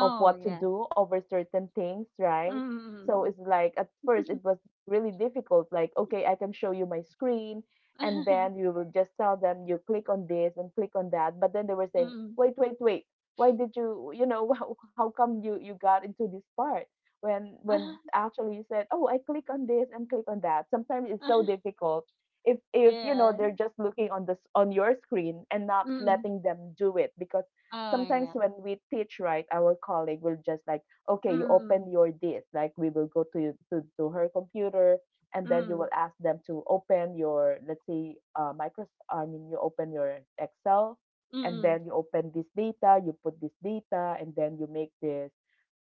of what to yeah. do over certain things, right? So Mm-mm. it's like at first it was really difficult. Like, okay, I can show you my screen, and then you will just tell them you click on this and click on that. But then they were saying, Mm-mm. wait, wait, wait. Why did you, you know, how come you got into this part when actually you said, oh, I click on this and click on that. Sometimes it's so difficult if you know Yeah. they're just looking on this on your screen, and not Mm-mm. letting them do it, because Oh, sometimes yeah. when we teach, right, our colleague will just like, okay, you open Mm-mm. your this, like we will go to to her computer, and then you will Mm-mm. ask them to open your, let's say, Microsoft, I mean, you open your Excel, and Mm-mm. then you open this data, you put this data, and then you make this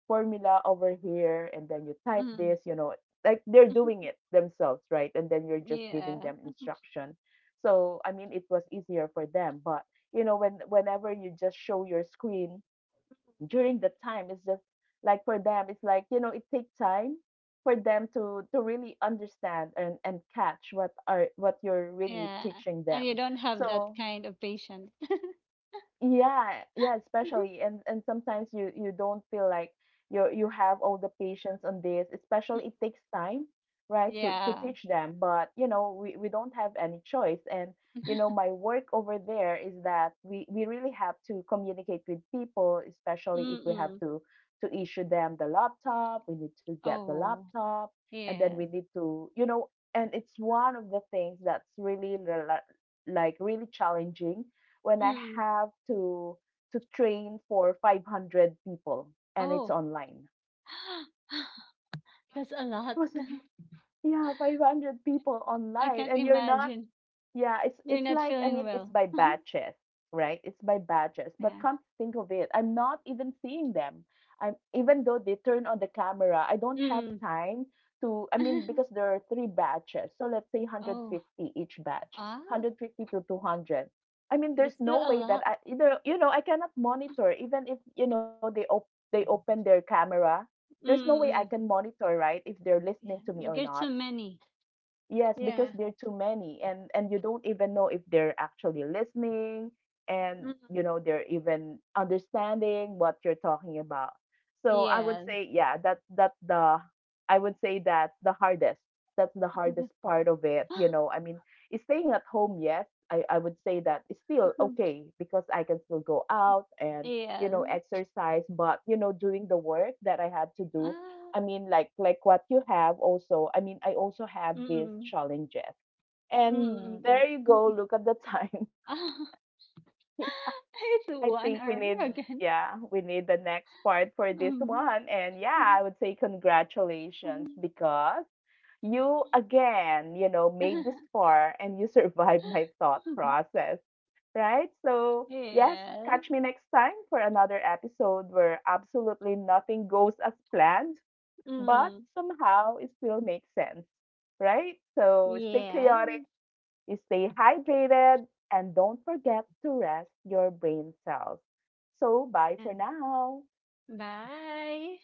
formula over here, and then you type Mm-mm. this, you know, like they're doing it themselves, right, and then you're just giving Yeah. them instruction. So I mean it was easier for them, but you know when whenever you just show your screen during the time, it's just like for them it's like, you know, it takes time for them to really understand and catch what are what you're really Yeah. teaching And you them. don't have that So kind of patience. yeah, yeah, especially, and sometimes you don't feel like you have all the patience on this. Mm, Especially it takes time, right, to yeah. teach them. But you know, we don't have any choice. And you know, my work over there is that we really have to communicate with people, especially if we have Mm-mm. to issue them the laptop. We need to get the Oh, laptop, and then we yeah. need to, you know, and it's one of the things that's really like really challenging when I Mm. have to train for 500 people, and it's Oh, online. that's a I lot. was like, yeah, 500 people I online can't and you're not. imagine. Yeah, it's You're not like I feeling mean it's well. by batches, right? It's by batches. But Yeah. come to think of it, I'm not even seeing them. I'm, even though they turn on the camera, I don't have Mm. time to, I mean, because there are three batches. So let's say Oh, 150 each batch, ah, 150 to 200. I mean that's there's still no a way that lot. I, either, you know, I cannot monitor even if, you know, they open their camera. There's no way I can Mm-mm. monitor, right, if they're listening to me Yeah. or There's not. so many. Yes, because Yeah. there are too many, and you don't even know if they're actually listening, and Mm. you know they're even understanding what you're talking about. So I would Yes. say yeah, that that the I would say that's the hardest. That's the hardest part of it, you know. I mean, is staying at home, yes, I would say that it's still okay because I can still go out and, you Yes. know, exercise, but you know doing the work that I had to do, Ah. I mean, like what you have also. I mean, I also have these Mm-mm. challenges. And Mm-mm. there you go. Mm-mm. Look at the time. It's I think one we hour need, again. yeah, we need the next part for this Mm. one. And yeah, I would say congratulations because you again, you know, made this far and you survived my thought process, right? So, yes, Yes. catch me next time for another episode where absolutely nothing goes as planned, but Mm. somehow it still makes sense, right? So stay chaotic, Yes. stay hydrated, and don't forget to rest your brain cells. So, bye Yeah. for now. Bye.